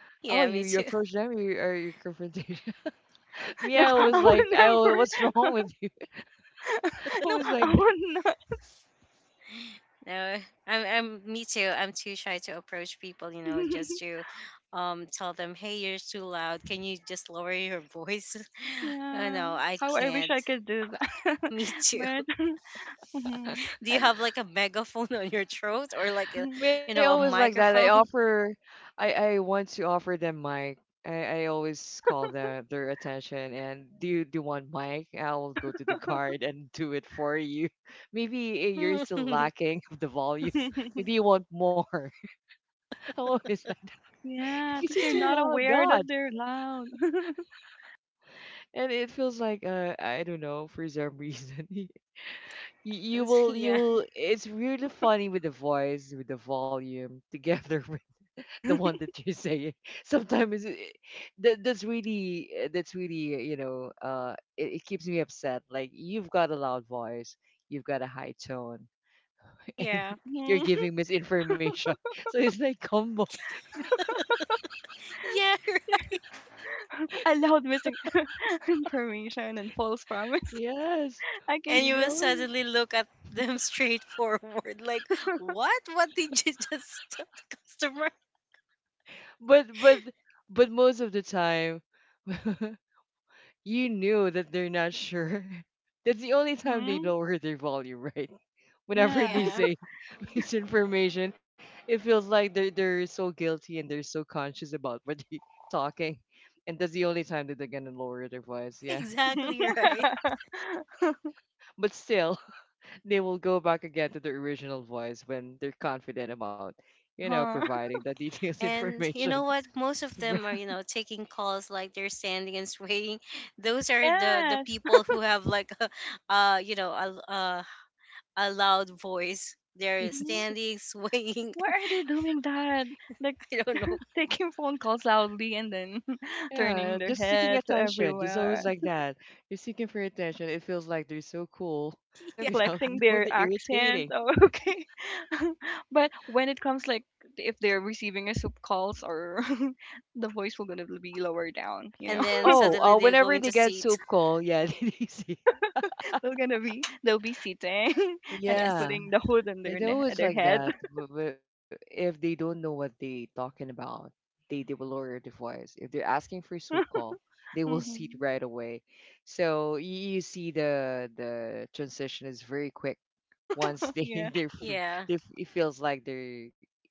Oh, you yeah, you me too. approach them, you, are your confrontation. Me, I No, always I would like, I always never. what's wrong with you? No, Always like I that. would not. No, I'm, I'm, me too. I'm too shy to approach people, you know, just to um tell them, hey, you're too loud. Can you just lower your voice? No, Yeah. no, I How I wish can't. I could do that. Me too. But mhm, Do you and have like a megaphone on your throat or like a, you Me, I know, a always like that. I microphone? offer, I I want to offer them mic. I I always call them their attention and do you do you want mic? I'll go to the guard and do it for you. Maybe, eh, you're still Yeah, lacking of the volume. Maybe you want more. I'm always like yeah, I because think it's they're too not loud, aware that God. they're loud. And it feels like, uh, I don't know for some reason, you, you will you will, it's really funny with the voice with the volume together with the one that you're saying. sometimes it, it- that, that's really uh, that's really, you know, uh, it, it keeps me upset. Like, you've got a loud voice, you've got a high tone, and yeah, you're Mhm. giving misinformation. So it's like combo. yeah. Allowed missing information and false promise. Yes, I can. And you you will know, suddenly look at them straight forward, like, what? What did you just tell the customer? but but but most of the time, you knew that they're not sure. That's the only time they Hmm. lower their volume, right? Whenever Yeah. they Yeah, say misinformation, it feels like they're they're so guilty and they're so conscious about what they're talking. And that's the only time that they're gonna lower their voice, yeah. exactly right. But still, they will go back again to their original voice when they're confident about, you know, Uh-huh. providing the details And you information. know what? Most of Right. them are, you know, taking calls like they're standing and swaying. Those are the the Yes. people who have like, a, uh, you know, a, a a loud voice. They're Hmm. Yes. standing, swaying. Why are they doing that? Like I don't know. taking phone calls loudly and then turning Yeah, their just seeking head to attention. It's always everywhere. like that. You're seeking for attention. It feels like they're so cool Are they Yeah. without, flexing no, their they're accent? irritating. Oh, okay. But when it comes like if they're receiving a soup calls or the voice will gonna be lower down, you know. And then Oh, suddenly uh, they're whenever going they to get seat. soup call, yeah, they see. They're gonna be they'll be sitting and then Yes. Yeah, putting the hood on their it's ne- always their like head. that. W- w- If they don't know what they talking about, they, they will lower their voice. If they're asking for soup call, they will see it Hmm. right away. So you, you see the the transition is very quick once Yeah, they they're f- Yeah. they f- it feels like they're,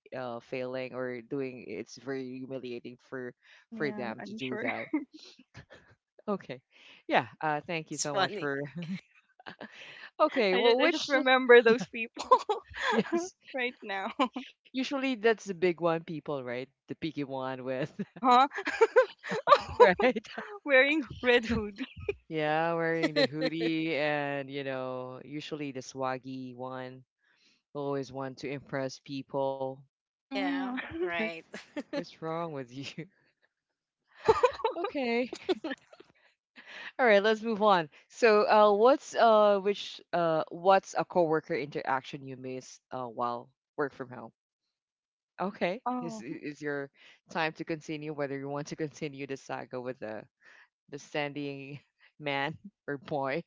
uh, failing or doing, it's very humiliating for for yeah, them to I'm do sure. that. Okay. Yeah, uh, It's thank you so funny. much for okay I just well I just which remember those people yes, right now. usually that's the big one people, right, the picky one with Uh huh. right, Wearing red hoodie. yeah, wearing the hoodie and you know, usually the swaggy one, always want to impress people, Yeah. Mhm. Right. what's wrong with you? Okay. All right, let's move on. So, uh, what's uh, which uh, what's a coworker interaction you miss, uh, while work from home? Okay, is Oh. is your time to continue? Whether you want to continue the saga with the the standing man or boy,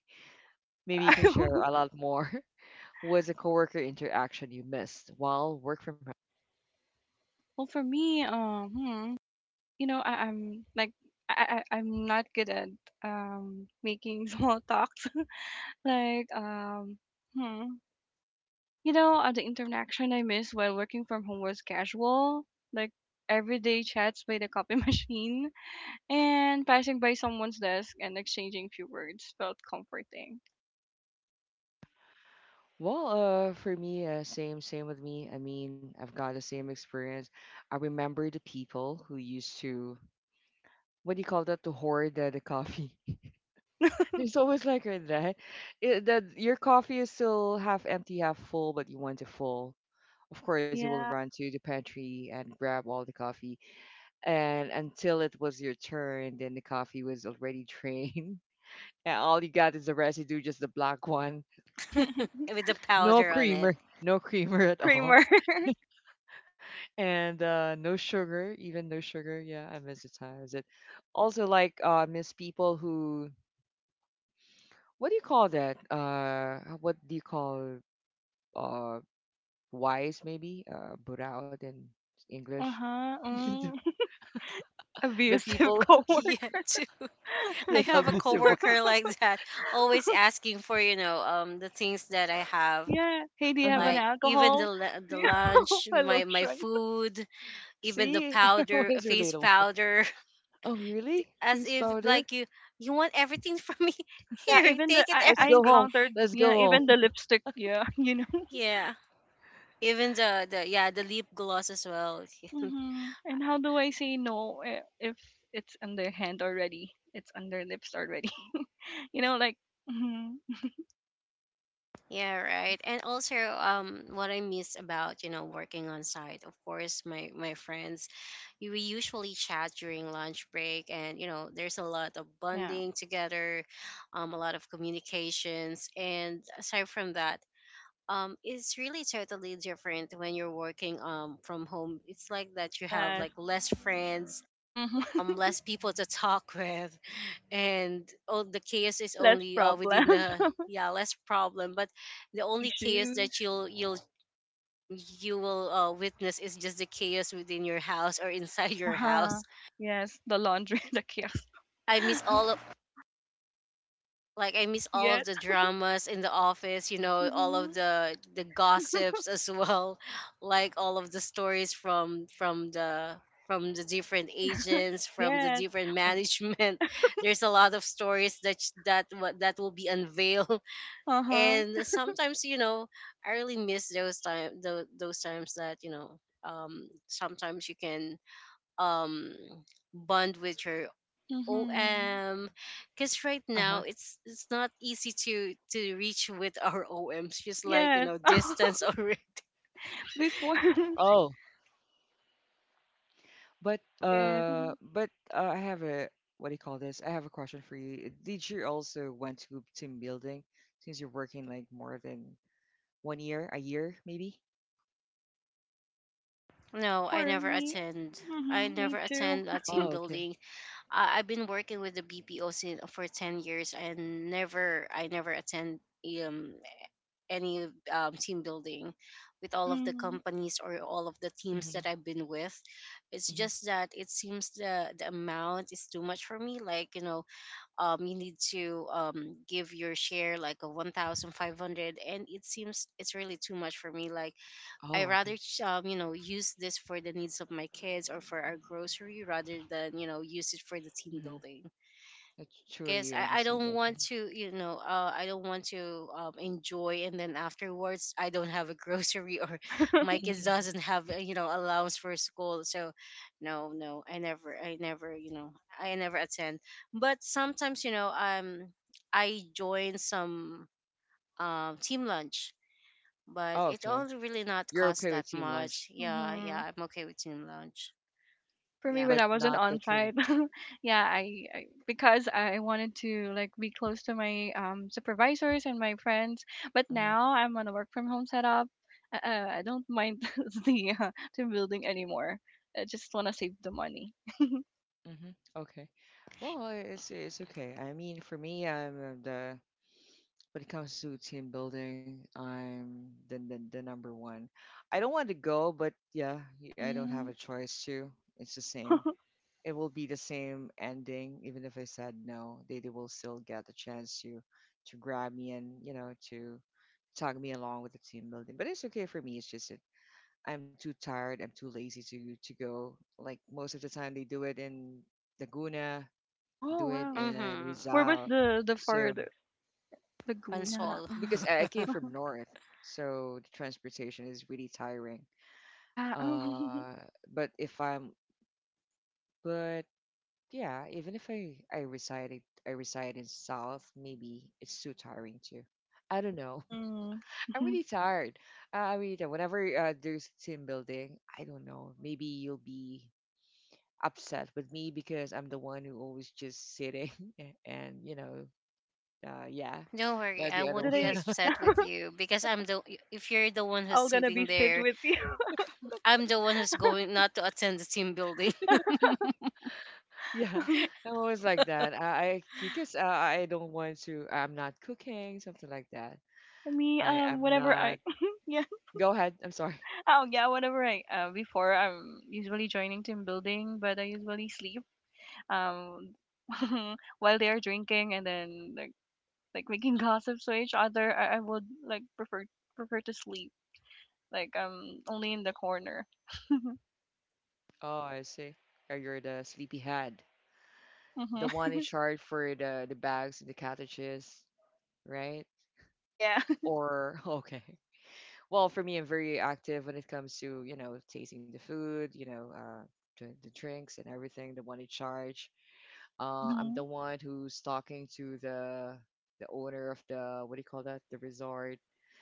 maybe you can share a lot more. What's a coworker interaction you missed while work from home? Well, for me, um, hmm, you know, I, I'm like I, I I'm not good at um making small talks. Like um, hmm, you know, uh, the interaction I missed while working from home was casual, like everyday chats by the copy machine, and passing by someone's desk and exchanging few words felt comforting. Well, uh, for me, uh, same same with me. I mean, I've got the same experience. I remember the people who used to what do you call that to hoard the, the coffee. There's always like a- that it, that your coffee is still half empty half full, but you want it full. Of course you will Yeah. run to the pantry and grab all the coffee, and until it was your turn, then the coffee was already drained. And all you got is the residue, just the black one. With the No powder on it. creamer, no creamer No at all. Kramer. And uh, no sugar, even no sugar. Yeah, I miss the times. It also like uh miss people who what do you call that? Uh, what do you call uh wise maybe? Uh, burao in English. Uh-huh. The Mm. Abusive people, Yeah. coworker. Too. yeah, I the have a abusive one. coworker like that, always asking for you know um the things that I have, Yeah. Hey, do you have Uh-huh. an like even alcohol? the lu- Do the you have lunch, a my my lotion? food, even See, the everyone powder, is face relatable. powder, Oh, really? as Face if powder? like you you want everything from me. Yeah, Here, even the take it I, Let's I go everything. home. encountered Let's go yeah, home. even the lipstick, yeah, you know. Yeah, even the the yeah, the lip gloss as well. Hmm. And how do I say no i- if it's on their hand already? It's on their lips already. You know, like mhm, Yeah, right. And also um what I miss about you know working on site, of course, my my friends. We usually chat during lunch break and you know there's a lot of yeah. bonding together, um, a lot of communications. And aside from that, um, it's really totally different when you're working um, from home. It's like that you have Yes. like less friends, Mhm. um, less people to talk with, and all the chaos is Less only uh, within problems, the, yeah, less problem, but the less only chaos issues. that you'll you'll you will uh, witness is just the chaos within your house or inside your house. Uh-huh. Yes, the laundry, the chaos. I miss all of Like, I miss all of Yes. the dramas in the office, you know, all Hmm. of the the gossips as well, like all of the stories from from the from the different agents, from the Yes. different management. There's a lot of stories that sh- that wa- that will be unveiled, Uh huh. and sometimes you know I really miss those time those, those times that you know um sometimes you can um bond with your Hmm. O M because right Uh-huh. now it's it's not easy to to reach with our O Ms, just like you Yes. know distance or Before Oh, but it is. uh, Mhm. but uh, I have a what do you call this? I have a question for you. Did you also went to team building since you're working like more than one year, a year maybe? no, I For never me. attend I Hmm. Me never too. attend a team Oh, okay. building. I, I've been working with the B P O sin- for ten years, and never I never attend um any um, team building with all of the Hmm. companies or all of the Mm-hmm. teams that I've been with. It's just that it seems the the amount is too much for me. Like, you know, um, you need to um give your share like a one thousand five hundred, and it seems it's really too much for me. Like, I Oh, okay. rather ch- um you know use this for the needs of my kids or for our grocery rather than you know use it for the team Mm-hmm. building I because truly I, I understand don't that. want Hmm. to you know uh, i don't want to um, enjoy and then afterwards I don't have a grocery or my kids Hmm. doesn't have uh, you know allowance for school. So, no, no, i never i never you know i never attend. But sometimes you know um I join some um team lunch, but Oh, it all okay. really not You're cost okay with that team lunch, much. Yeah, yeah, Hmm. I'm okay with team lunch. For me, Yeah. when but I wasn't not the on trilogy. site, yeah, I, I because I wanted to like be close to my um, supervisors and my friends. But Mm-hmm. now I'm on a work from home setup. Uh, uh, I don't mind the uh, the building anymore. I just want to save the money. Mm-hmm. Okay. Well, it's it's okay. I mean, for me, I'm uh, the when it comes to team building, I'm the the, the number one. I don't want to go, but yeah, y- I don't have a Hmm. choice to. It's the same. It will be the same ending, even if I said no. They they will still get the chance to to grab me, and you know, to tag me along with the team building. But it's okay for me. It's just that I'm too tired. I'm too lazy to to go. Like most of the time, they do it in Laguna, do Oh it wow, in where Mm-hmm. was Rizal. the the So furthest it- Laguna? Pansol. Mhm. because I, I came from north, so the transportation is really tiring. Yeah. Uh, but if I'm but yeah, even if I I resided I reside in south, maybe it's too tiring too. I don't know. Hmm. I'm really tired. Uh, I mean, uh, whenever uh, there's team building, I don't know. Maybe you'll be upset with me because I'm the one who always just sitting, and you know, uh, yeah, Don't worry, not I the other won't Did be I one. upset with you because I'm the if you're the one who's all gonna sitting be sit there, with you? I'm the one who's going not to attend the team building. Yeah, I'm always like that. I, I because uh, I don't want to. I'm not cooking something like that. Me, I am um, whenever not. I, yeah. Go ahead. I'm sorry. Oh yeah, whenever I uh, before I'm usually joining team building, but I usually sleep um while they are drinking and then like like making gossips to each other. I, I would like prefer prefer to sleep like um only in the corner. Oh, I see. Oh, you're the sleepyhead, the Hmm. one in charge for the the bags and the cottages, right? Yeah. Or okay. Well, for me, I'm very active when it comes to, you know, tasting the food, you know, uh, the, the drinks and everything, the one in charge. Uh, I'm the Hmm. one who's talking to the the owner of the what do you call that? The resort.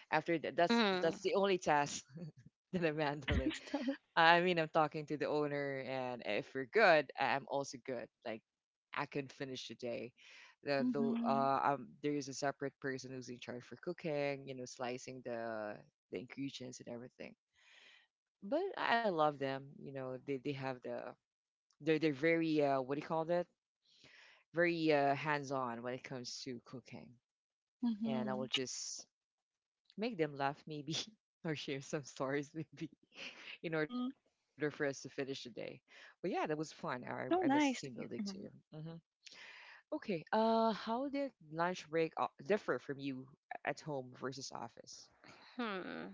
After that, that's Hmm. that's the only task that I'm handling. So, I mean, I'm talking to the owner, and if we're good, I- I'm also good. Like, I can finish the day. The, the hmm, uh, um, there is a separate person who's in charge for cooking, you know, slicing the the ingredients and everything. But I love them. You know, they they have the they're they're very uh, what do you call that? Very uh, hands on when it comes to cooking, hmm, and I will hmm. just make them laugh maybe, or share some stories maybe in order for us to finish the day. But yeah, that was fun. I I miss So team nice building to hear. too. Hmm. Okay. Uh, how did lunch break o- differ from you at home versus office? Hmm.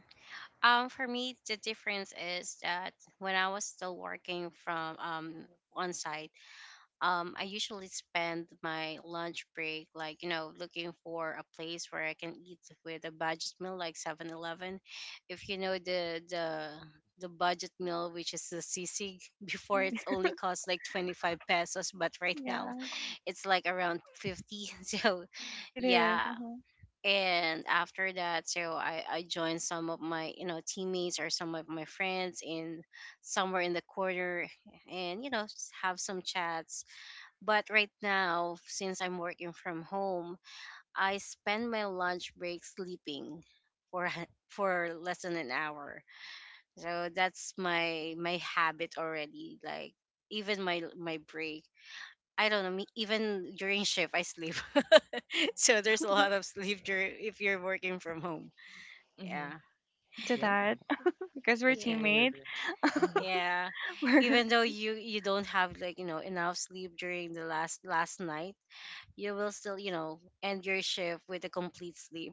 Um, for me, the difference is that when I was still working from um on site, um, I usually spend my lunch break, like, you know, looking for a place where I can eat with a budget meal like Seven Eleven. If you know the, the, the budget meal, which is the sisig, before Hmm. it's only cost like twenty-five pesos, but right now Yeah, it's like around fifty. So, it is. yeah. Mhm. And after that, so I, I joined some of my, you know, teammates or some of my friends in somewhere in the corner and, you know, s- have some chats. But right now, since I'm working from home, I spend my lunch break sleeping for for less than an hour. So that's my my habit already. Like, even my my break, I don't know. me- Even during shift, I sleep. So there's a lot of sleep during if you're working from home. Mm-hmm. Yeah, Agree to Yeah, that. Because I we're yeah, totally teammates. agree. Hmm. yeah. We're Even though you you don't have like you know enough sleep during the last last night, you will still, you know, end your shift with a complete sleep.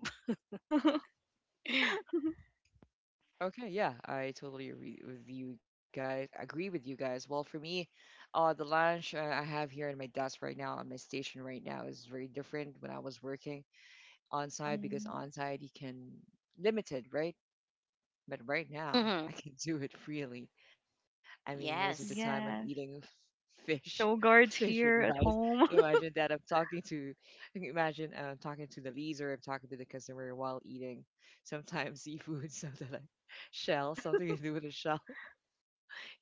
Okay, yeah, I totally agree with you guys. Agree with you guys. Well, for me, uh, the lunch uh, I have here in my desk right now, on my station right now, is very different when I was working on site, because hmm on site you can limited, right? But right now, Hmm. I can do it freely. I mean, most of the time I'm Yes. eating f- yes. fish, No fish with guards rice. here at home. Imagine that I'm talking to, imagine uh, talking to the leaser, I'm talking to the customer while eating sometimes seafood, something like shell, something to do with a shell. Imagine.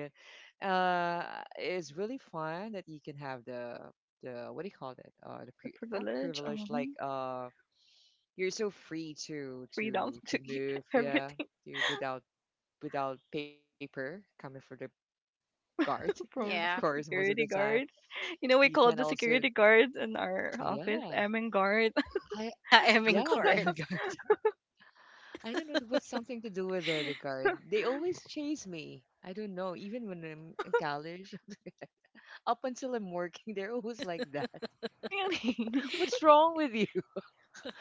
Uh, it's really fun that you can have the the what do you call that? Uh, the pre The not privilege, privilege like um, uh you're so free to freedom to to to eat move, yeah, everything you without without paper coming for the guard. Of from course Yeah. the most of the security time guard. You you know, we can called the also, security guards in our office yeah. M and guard. I I am in Yeah, court. the guard, I don't know what's something to do with the, the guard. They always chase me, I don't know, even when I'm in college. Up until I'm working, they're always like that. Really? What's wrong with you?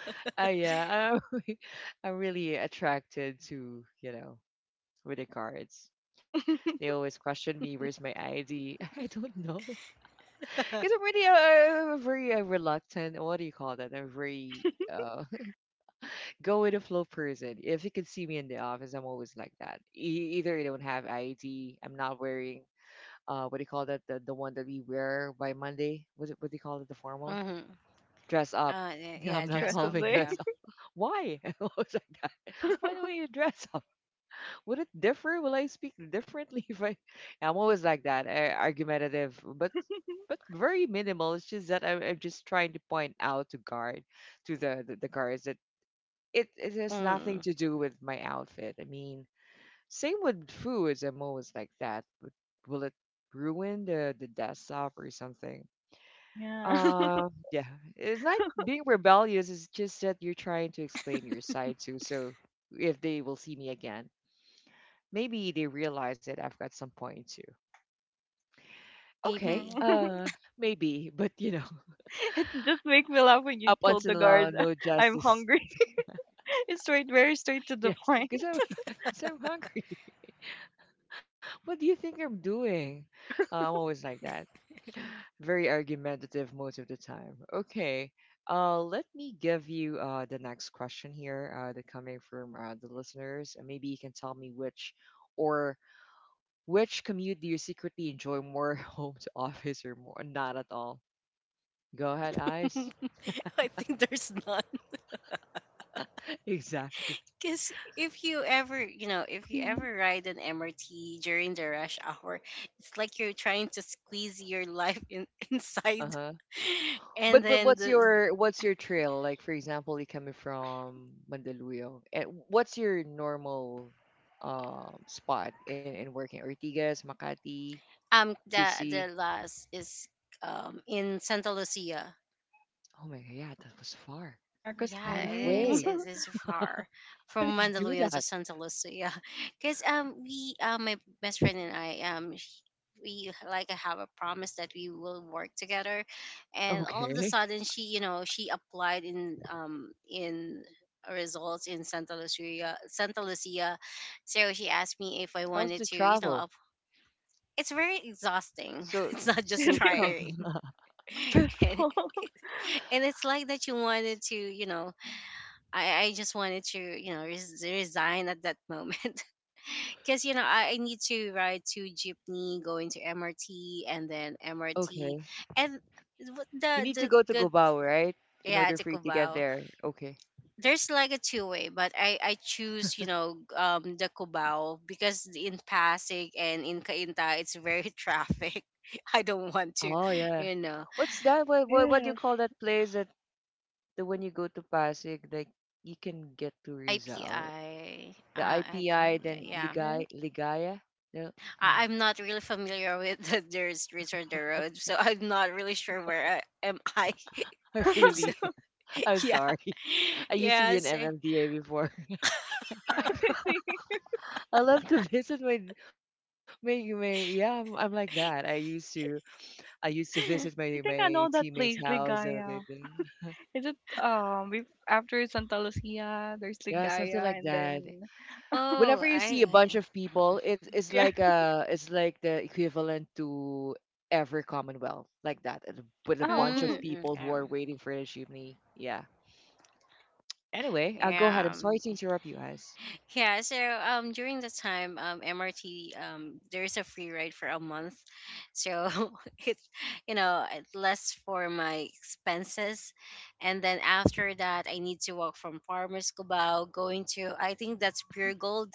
uh, Yeah, I'm, I'm really attracted to, you know, with the cards. They always question me, where's my I D? I don't know. Because I'm really a, a very uh, reluctant, what do you call that? A very uh, go with the flow person. If you can see me in the office, I'm always like that. E- either I don't have I D, I'm not wearing, uh, what do you call that? The, the one that we wear by Monday. Was it, what do you call it? The formal? Hmm. Uh, Dress up. y- Yeah, Yeah, I'm The not dress dress up up. following day. Yeah. dress up. Why? I was like that. Why do you dress up? Would it differ? Will I speak differently if I? I'm always like that, a- argumentative, but but very minimal. It's just that I'm, I'm just trying to point out to guard to the the, the guards that it it has nothing Mm. to do with my outfit. I mean, same with foods. I'm always like that, but will it ruin the the desktop or something? Yeah. Uh, yeah, it's not being rebellious. It's just that you're trying to explain your side to, so if they will see me again, maybe they realize it I've got some point too. Okay, Maybe. Mhm. uh, maybe, but you know, It just make me laugh when you up told until the guards now, no I'm justice. hungry. It's straight, very straight to the Yes, point. because I'm, 'cause I'm hungry. What do you think I'm doing? Uh, I'm always like that. Very argumentative most of the time. Okay, uh, let me give you uh, the next question here uh, that coming from uh, the listeners. And Maybe you can tell me which or which commute do you secretly enjoy more, home to office or more? Not at all. Go ahead, Eyes. I think there's none. Exactly. Because if you ever, you know, if you ever ride an M R T during the rush hour, it's like you're trying to squeeze your life in, inside. Uh-huh. And But but then what's the, your what's your trail? Like for example, you coming from Mandaluyong. And what's your normal um spot in, in working? Ortigas, Makati, Um, the Q C. the last is um in Santa Lucia. Oh my god, yeah, that was far. Marcos Yeah, Out of Highway. it is. way. It is far How from did you do Mandaluyong to that? Santa Lucia, because um we uh, my best friend and I um sh- we like have a promise that we will work together, and all of the Okay. sudden she you know she applied in um in results in Santa Lucia Santa Lucia, so she asked me if I How's wanted the to you know travel? up. It's very exhausting. So It's not just It so co- is trying. stressful. And it's like that you wanted to you know i, I just wanted to you know res- resign at that moment. Because you know I, I need to ride to jeepney going to M R T and then M R T okay. and w- You the need to the go to good. Gobao, right? In Yeah, order the for you to get cubao. there. Okay. There's like a two way, but i i choose you know um the cubao because in pasig and in kainta it's very traffic. I don't want Oh to yeah. you know What's that? What It what what do you call is. that place? The when you go to Pasig, like you can get to ipi Rizal, uh, the I, I I P I, yeah, then yeah. It Ligay, Ligaya. No, I- ah, I'm not really familiar with the, their streets or the roads, so I'm not really sure where I, am I. I really, So, I'm yeah, sorry. I used to yeah. be an So, M M D A before. is. I love to visit my, my, my. Yeah, I'm, I'm like that. I used to, I used to visit my, I think my I know that teammates' place, house. Uh, they, Ligaya. they, Is it um we after Santa Lucia, there's yeah, something Ligaya like and that. then oh, Whenever you see I. a bunch of people, it, it's yeah. like a it's like the equivalent to every Commonwealth, like that, and with a Oh. bunch of Mm, people okay. who are waiting for the chimney. Yeah. Anyway, uh, go ahead. Yeah. I'm sorry um, to interrupt you guys. Yeah, so um during the time um M R T um there is a free ride for a month. So it you know, it's less for my expenses. And then after that I need to walk from Farmers Cubao going to, I think, that's Pure Gold.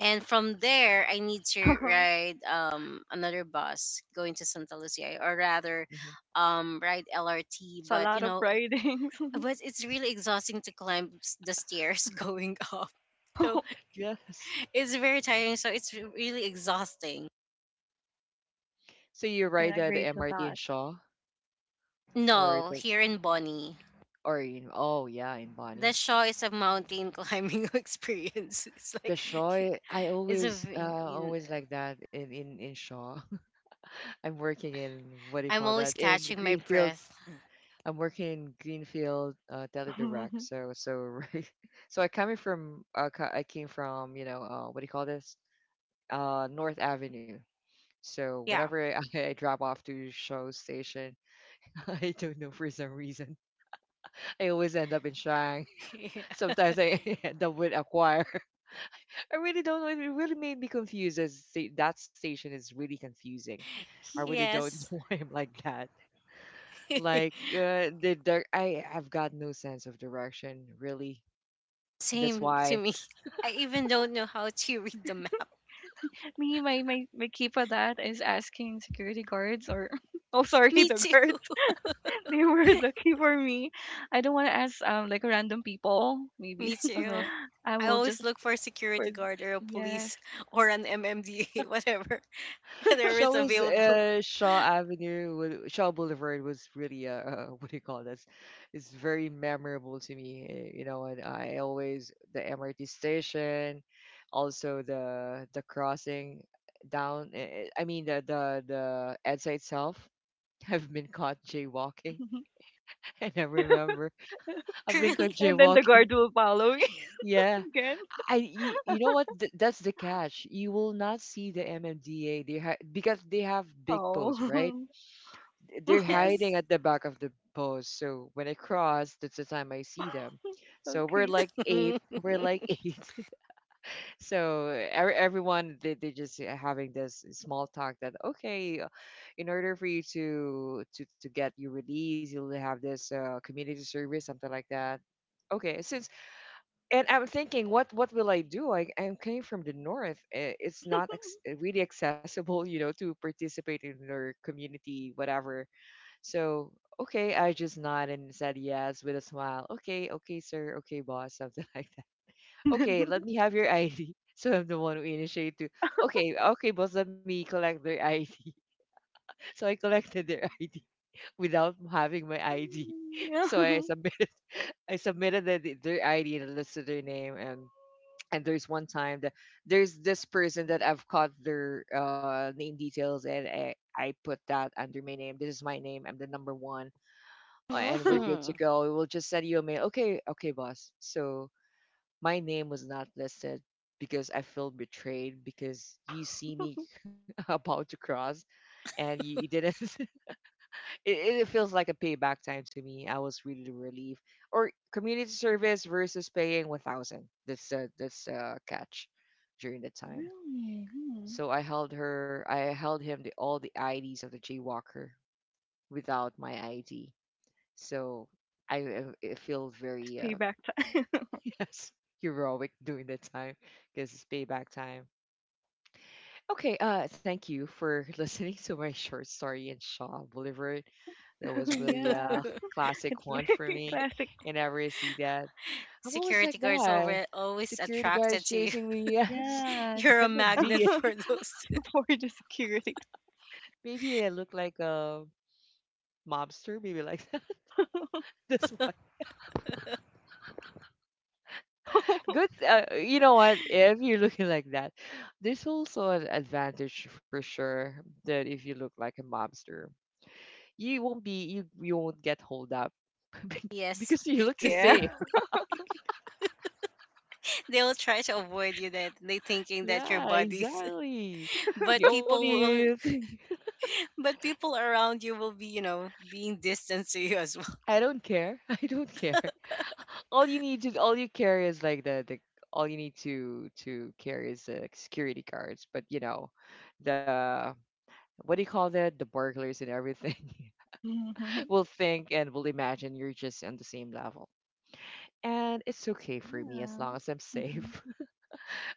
And from there I need to ride um another bus going to Santa Lucia, or rather Hmm. um ride L R T, That's a but you lot of know writings. but it's really exhausting to climb s- the stairs going up, so Oh, Yes. it's very tiring. So it's really exhausting. So you I can ride the, the agree to M R T in that. Shaw or No, the here in Bonnie, or in oh yeah in the Bonnie. Shaw is a mountain climbing experience. It's The like Shaw, I I it's a. always v- uh in- always like that in in in Shaw. I'm working in what do you I'm call always that in catching my Greenfield. breath. I'm working in Greenfield, uh, Teledirect. So so so I coming from uh, co- I came from, you know, uh, what do you call this? Uh, North Avenue. So whenever Yeah. I, I drop off to Show Station, I don't know for some reason I always end up in Shang. Sometimes I end up with Acquire. I really don't know. It really made me confused. As sta- that station is really confusing. I really don't Yes. know why I'm like that. Like uh, the, the I have got no sense of direction really. That's Same to why. me. I even don't know how to read the map. Me, my, my, my key for that is asking security guards or oh sorry, Me the too. guards. They were the key for me. I don't wanna ask um like random people, maybe. Me too. Uh-huh. I I will just always look for a for security guard or a yes. police or an M M D A, whatever, whatever is Shaw is available. uh, Shaw Avenue, wa- Shaw Boulevard was really uh, uh, what do you call this? It's very memorable to me. eh, You know, and I always the M R T station, also the the crossing down. eh, eh, I mean the the the E D S A itself. I've been caught jaywalking, and I remember I've been caught Really? And then the jaywalking. guard will follow me Yeah, again. I you, you know what? Th- that's the catch. You will not see the M M D A. They hi- because they have big Oh. posts, right? They're hiding Yes. at the back of the post. So when I cross, that's the time I see them. So we're Okay. like eight. We're like eight. So every, everyone they they just eh, having this small talk that okay, uh, in order for you to to to get your release, you'll have this uh, community service, something like that. Okay, since and I'm thinking, what what will I do? I I'm coming from the north. eh, It's not ex- eh, really accessible, you know, to participate in their community, whatever. So okay, I just nodded and said yes with a smile. Okay, okay, sir. Okay, boss, something like that. And then Okay, let me have your I D. So I'm the one who initiated to. Okay, okay, boss, let me collect their I D. So I collected their I D without having my I D. yeah. So I submitted, I submitted the, the- their I D and listed their name, and and there's one time that there's this person that I've caught their uh, name details, and I, I put that under my name. This is my name. I'm the number one, uh, and we're Uh-huh. good to Mhm. go. We'll just send you a mail. Okay, okay, boss. So my name was not listed because I feel betrayed because you see me about to cross, and you, you didn't. it, it feels like a payback time to me. I was really relieved. Or community service versus paying one thousand. This uh, this uh, catch during the time. Really? Hmm. So I held her. I held him the all the I Ds of the jaywalker without my I D. So I uh, it feel It's very uh, payback time. yes heroic during that time because it's payback time. Okay, uh, thank you for listening to my short story in Shaw Boulevard. That Oh was really yeah. a It's classic one for very me, classic. and I really see that. I'm always like Security guards that. over always Security guys attracted to you. chasing me, yes, Yeah. You're a and the magnet D. for those. For the security. Maybe I look like a mobster, maybe like that. That's why. Good. Uh, you know what? If you're looking like that, there's also an advantage for sure that if you look like a mobster. You won't be you you won't get hold up be- Yes. because you look the Yeah. they, same. they'll try to avoid you that they thinking that you're Yeah, buddies. exactly. But The people only will thing but people around you will be, you know, being distant to you as well. I don't care. I don't care. All you need to all you carry is like the the all you need to to carry is the security cards. But you know, the what do you call that? The burglars and everything Mhm. will think and will imagine you're just on the same level. And it's okay for me as Yeah. long as I'm Mhm. safe.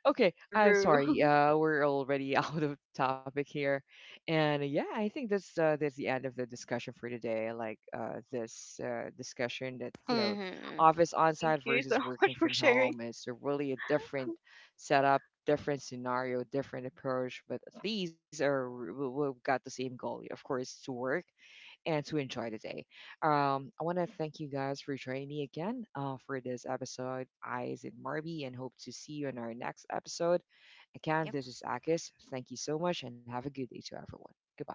Okay, I'm True. sorry. Uh, we're already out of topic here, and yeah, I think that's uh, that's the end of the discussion for today. Like uh, this uh, discussion that you know, Hmm. office Thank on-site you so versus working much for from sharing. home is a really a different setup, different scenario, different approach. But at least uh, we've got the same goal, of course, to work and to enjoy the day. Um, I want to thank you guys for joining me again uh, for this episode. I is it Marby and hope to see you in our next episode. Again, this is Akis. Thank you so much and have a good day to everyone. Goodbye.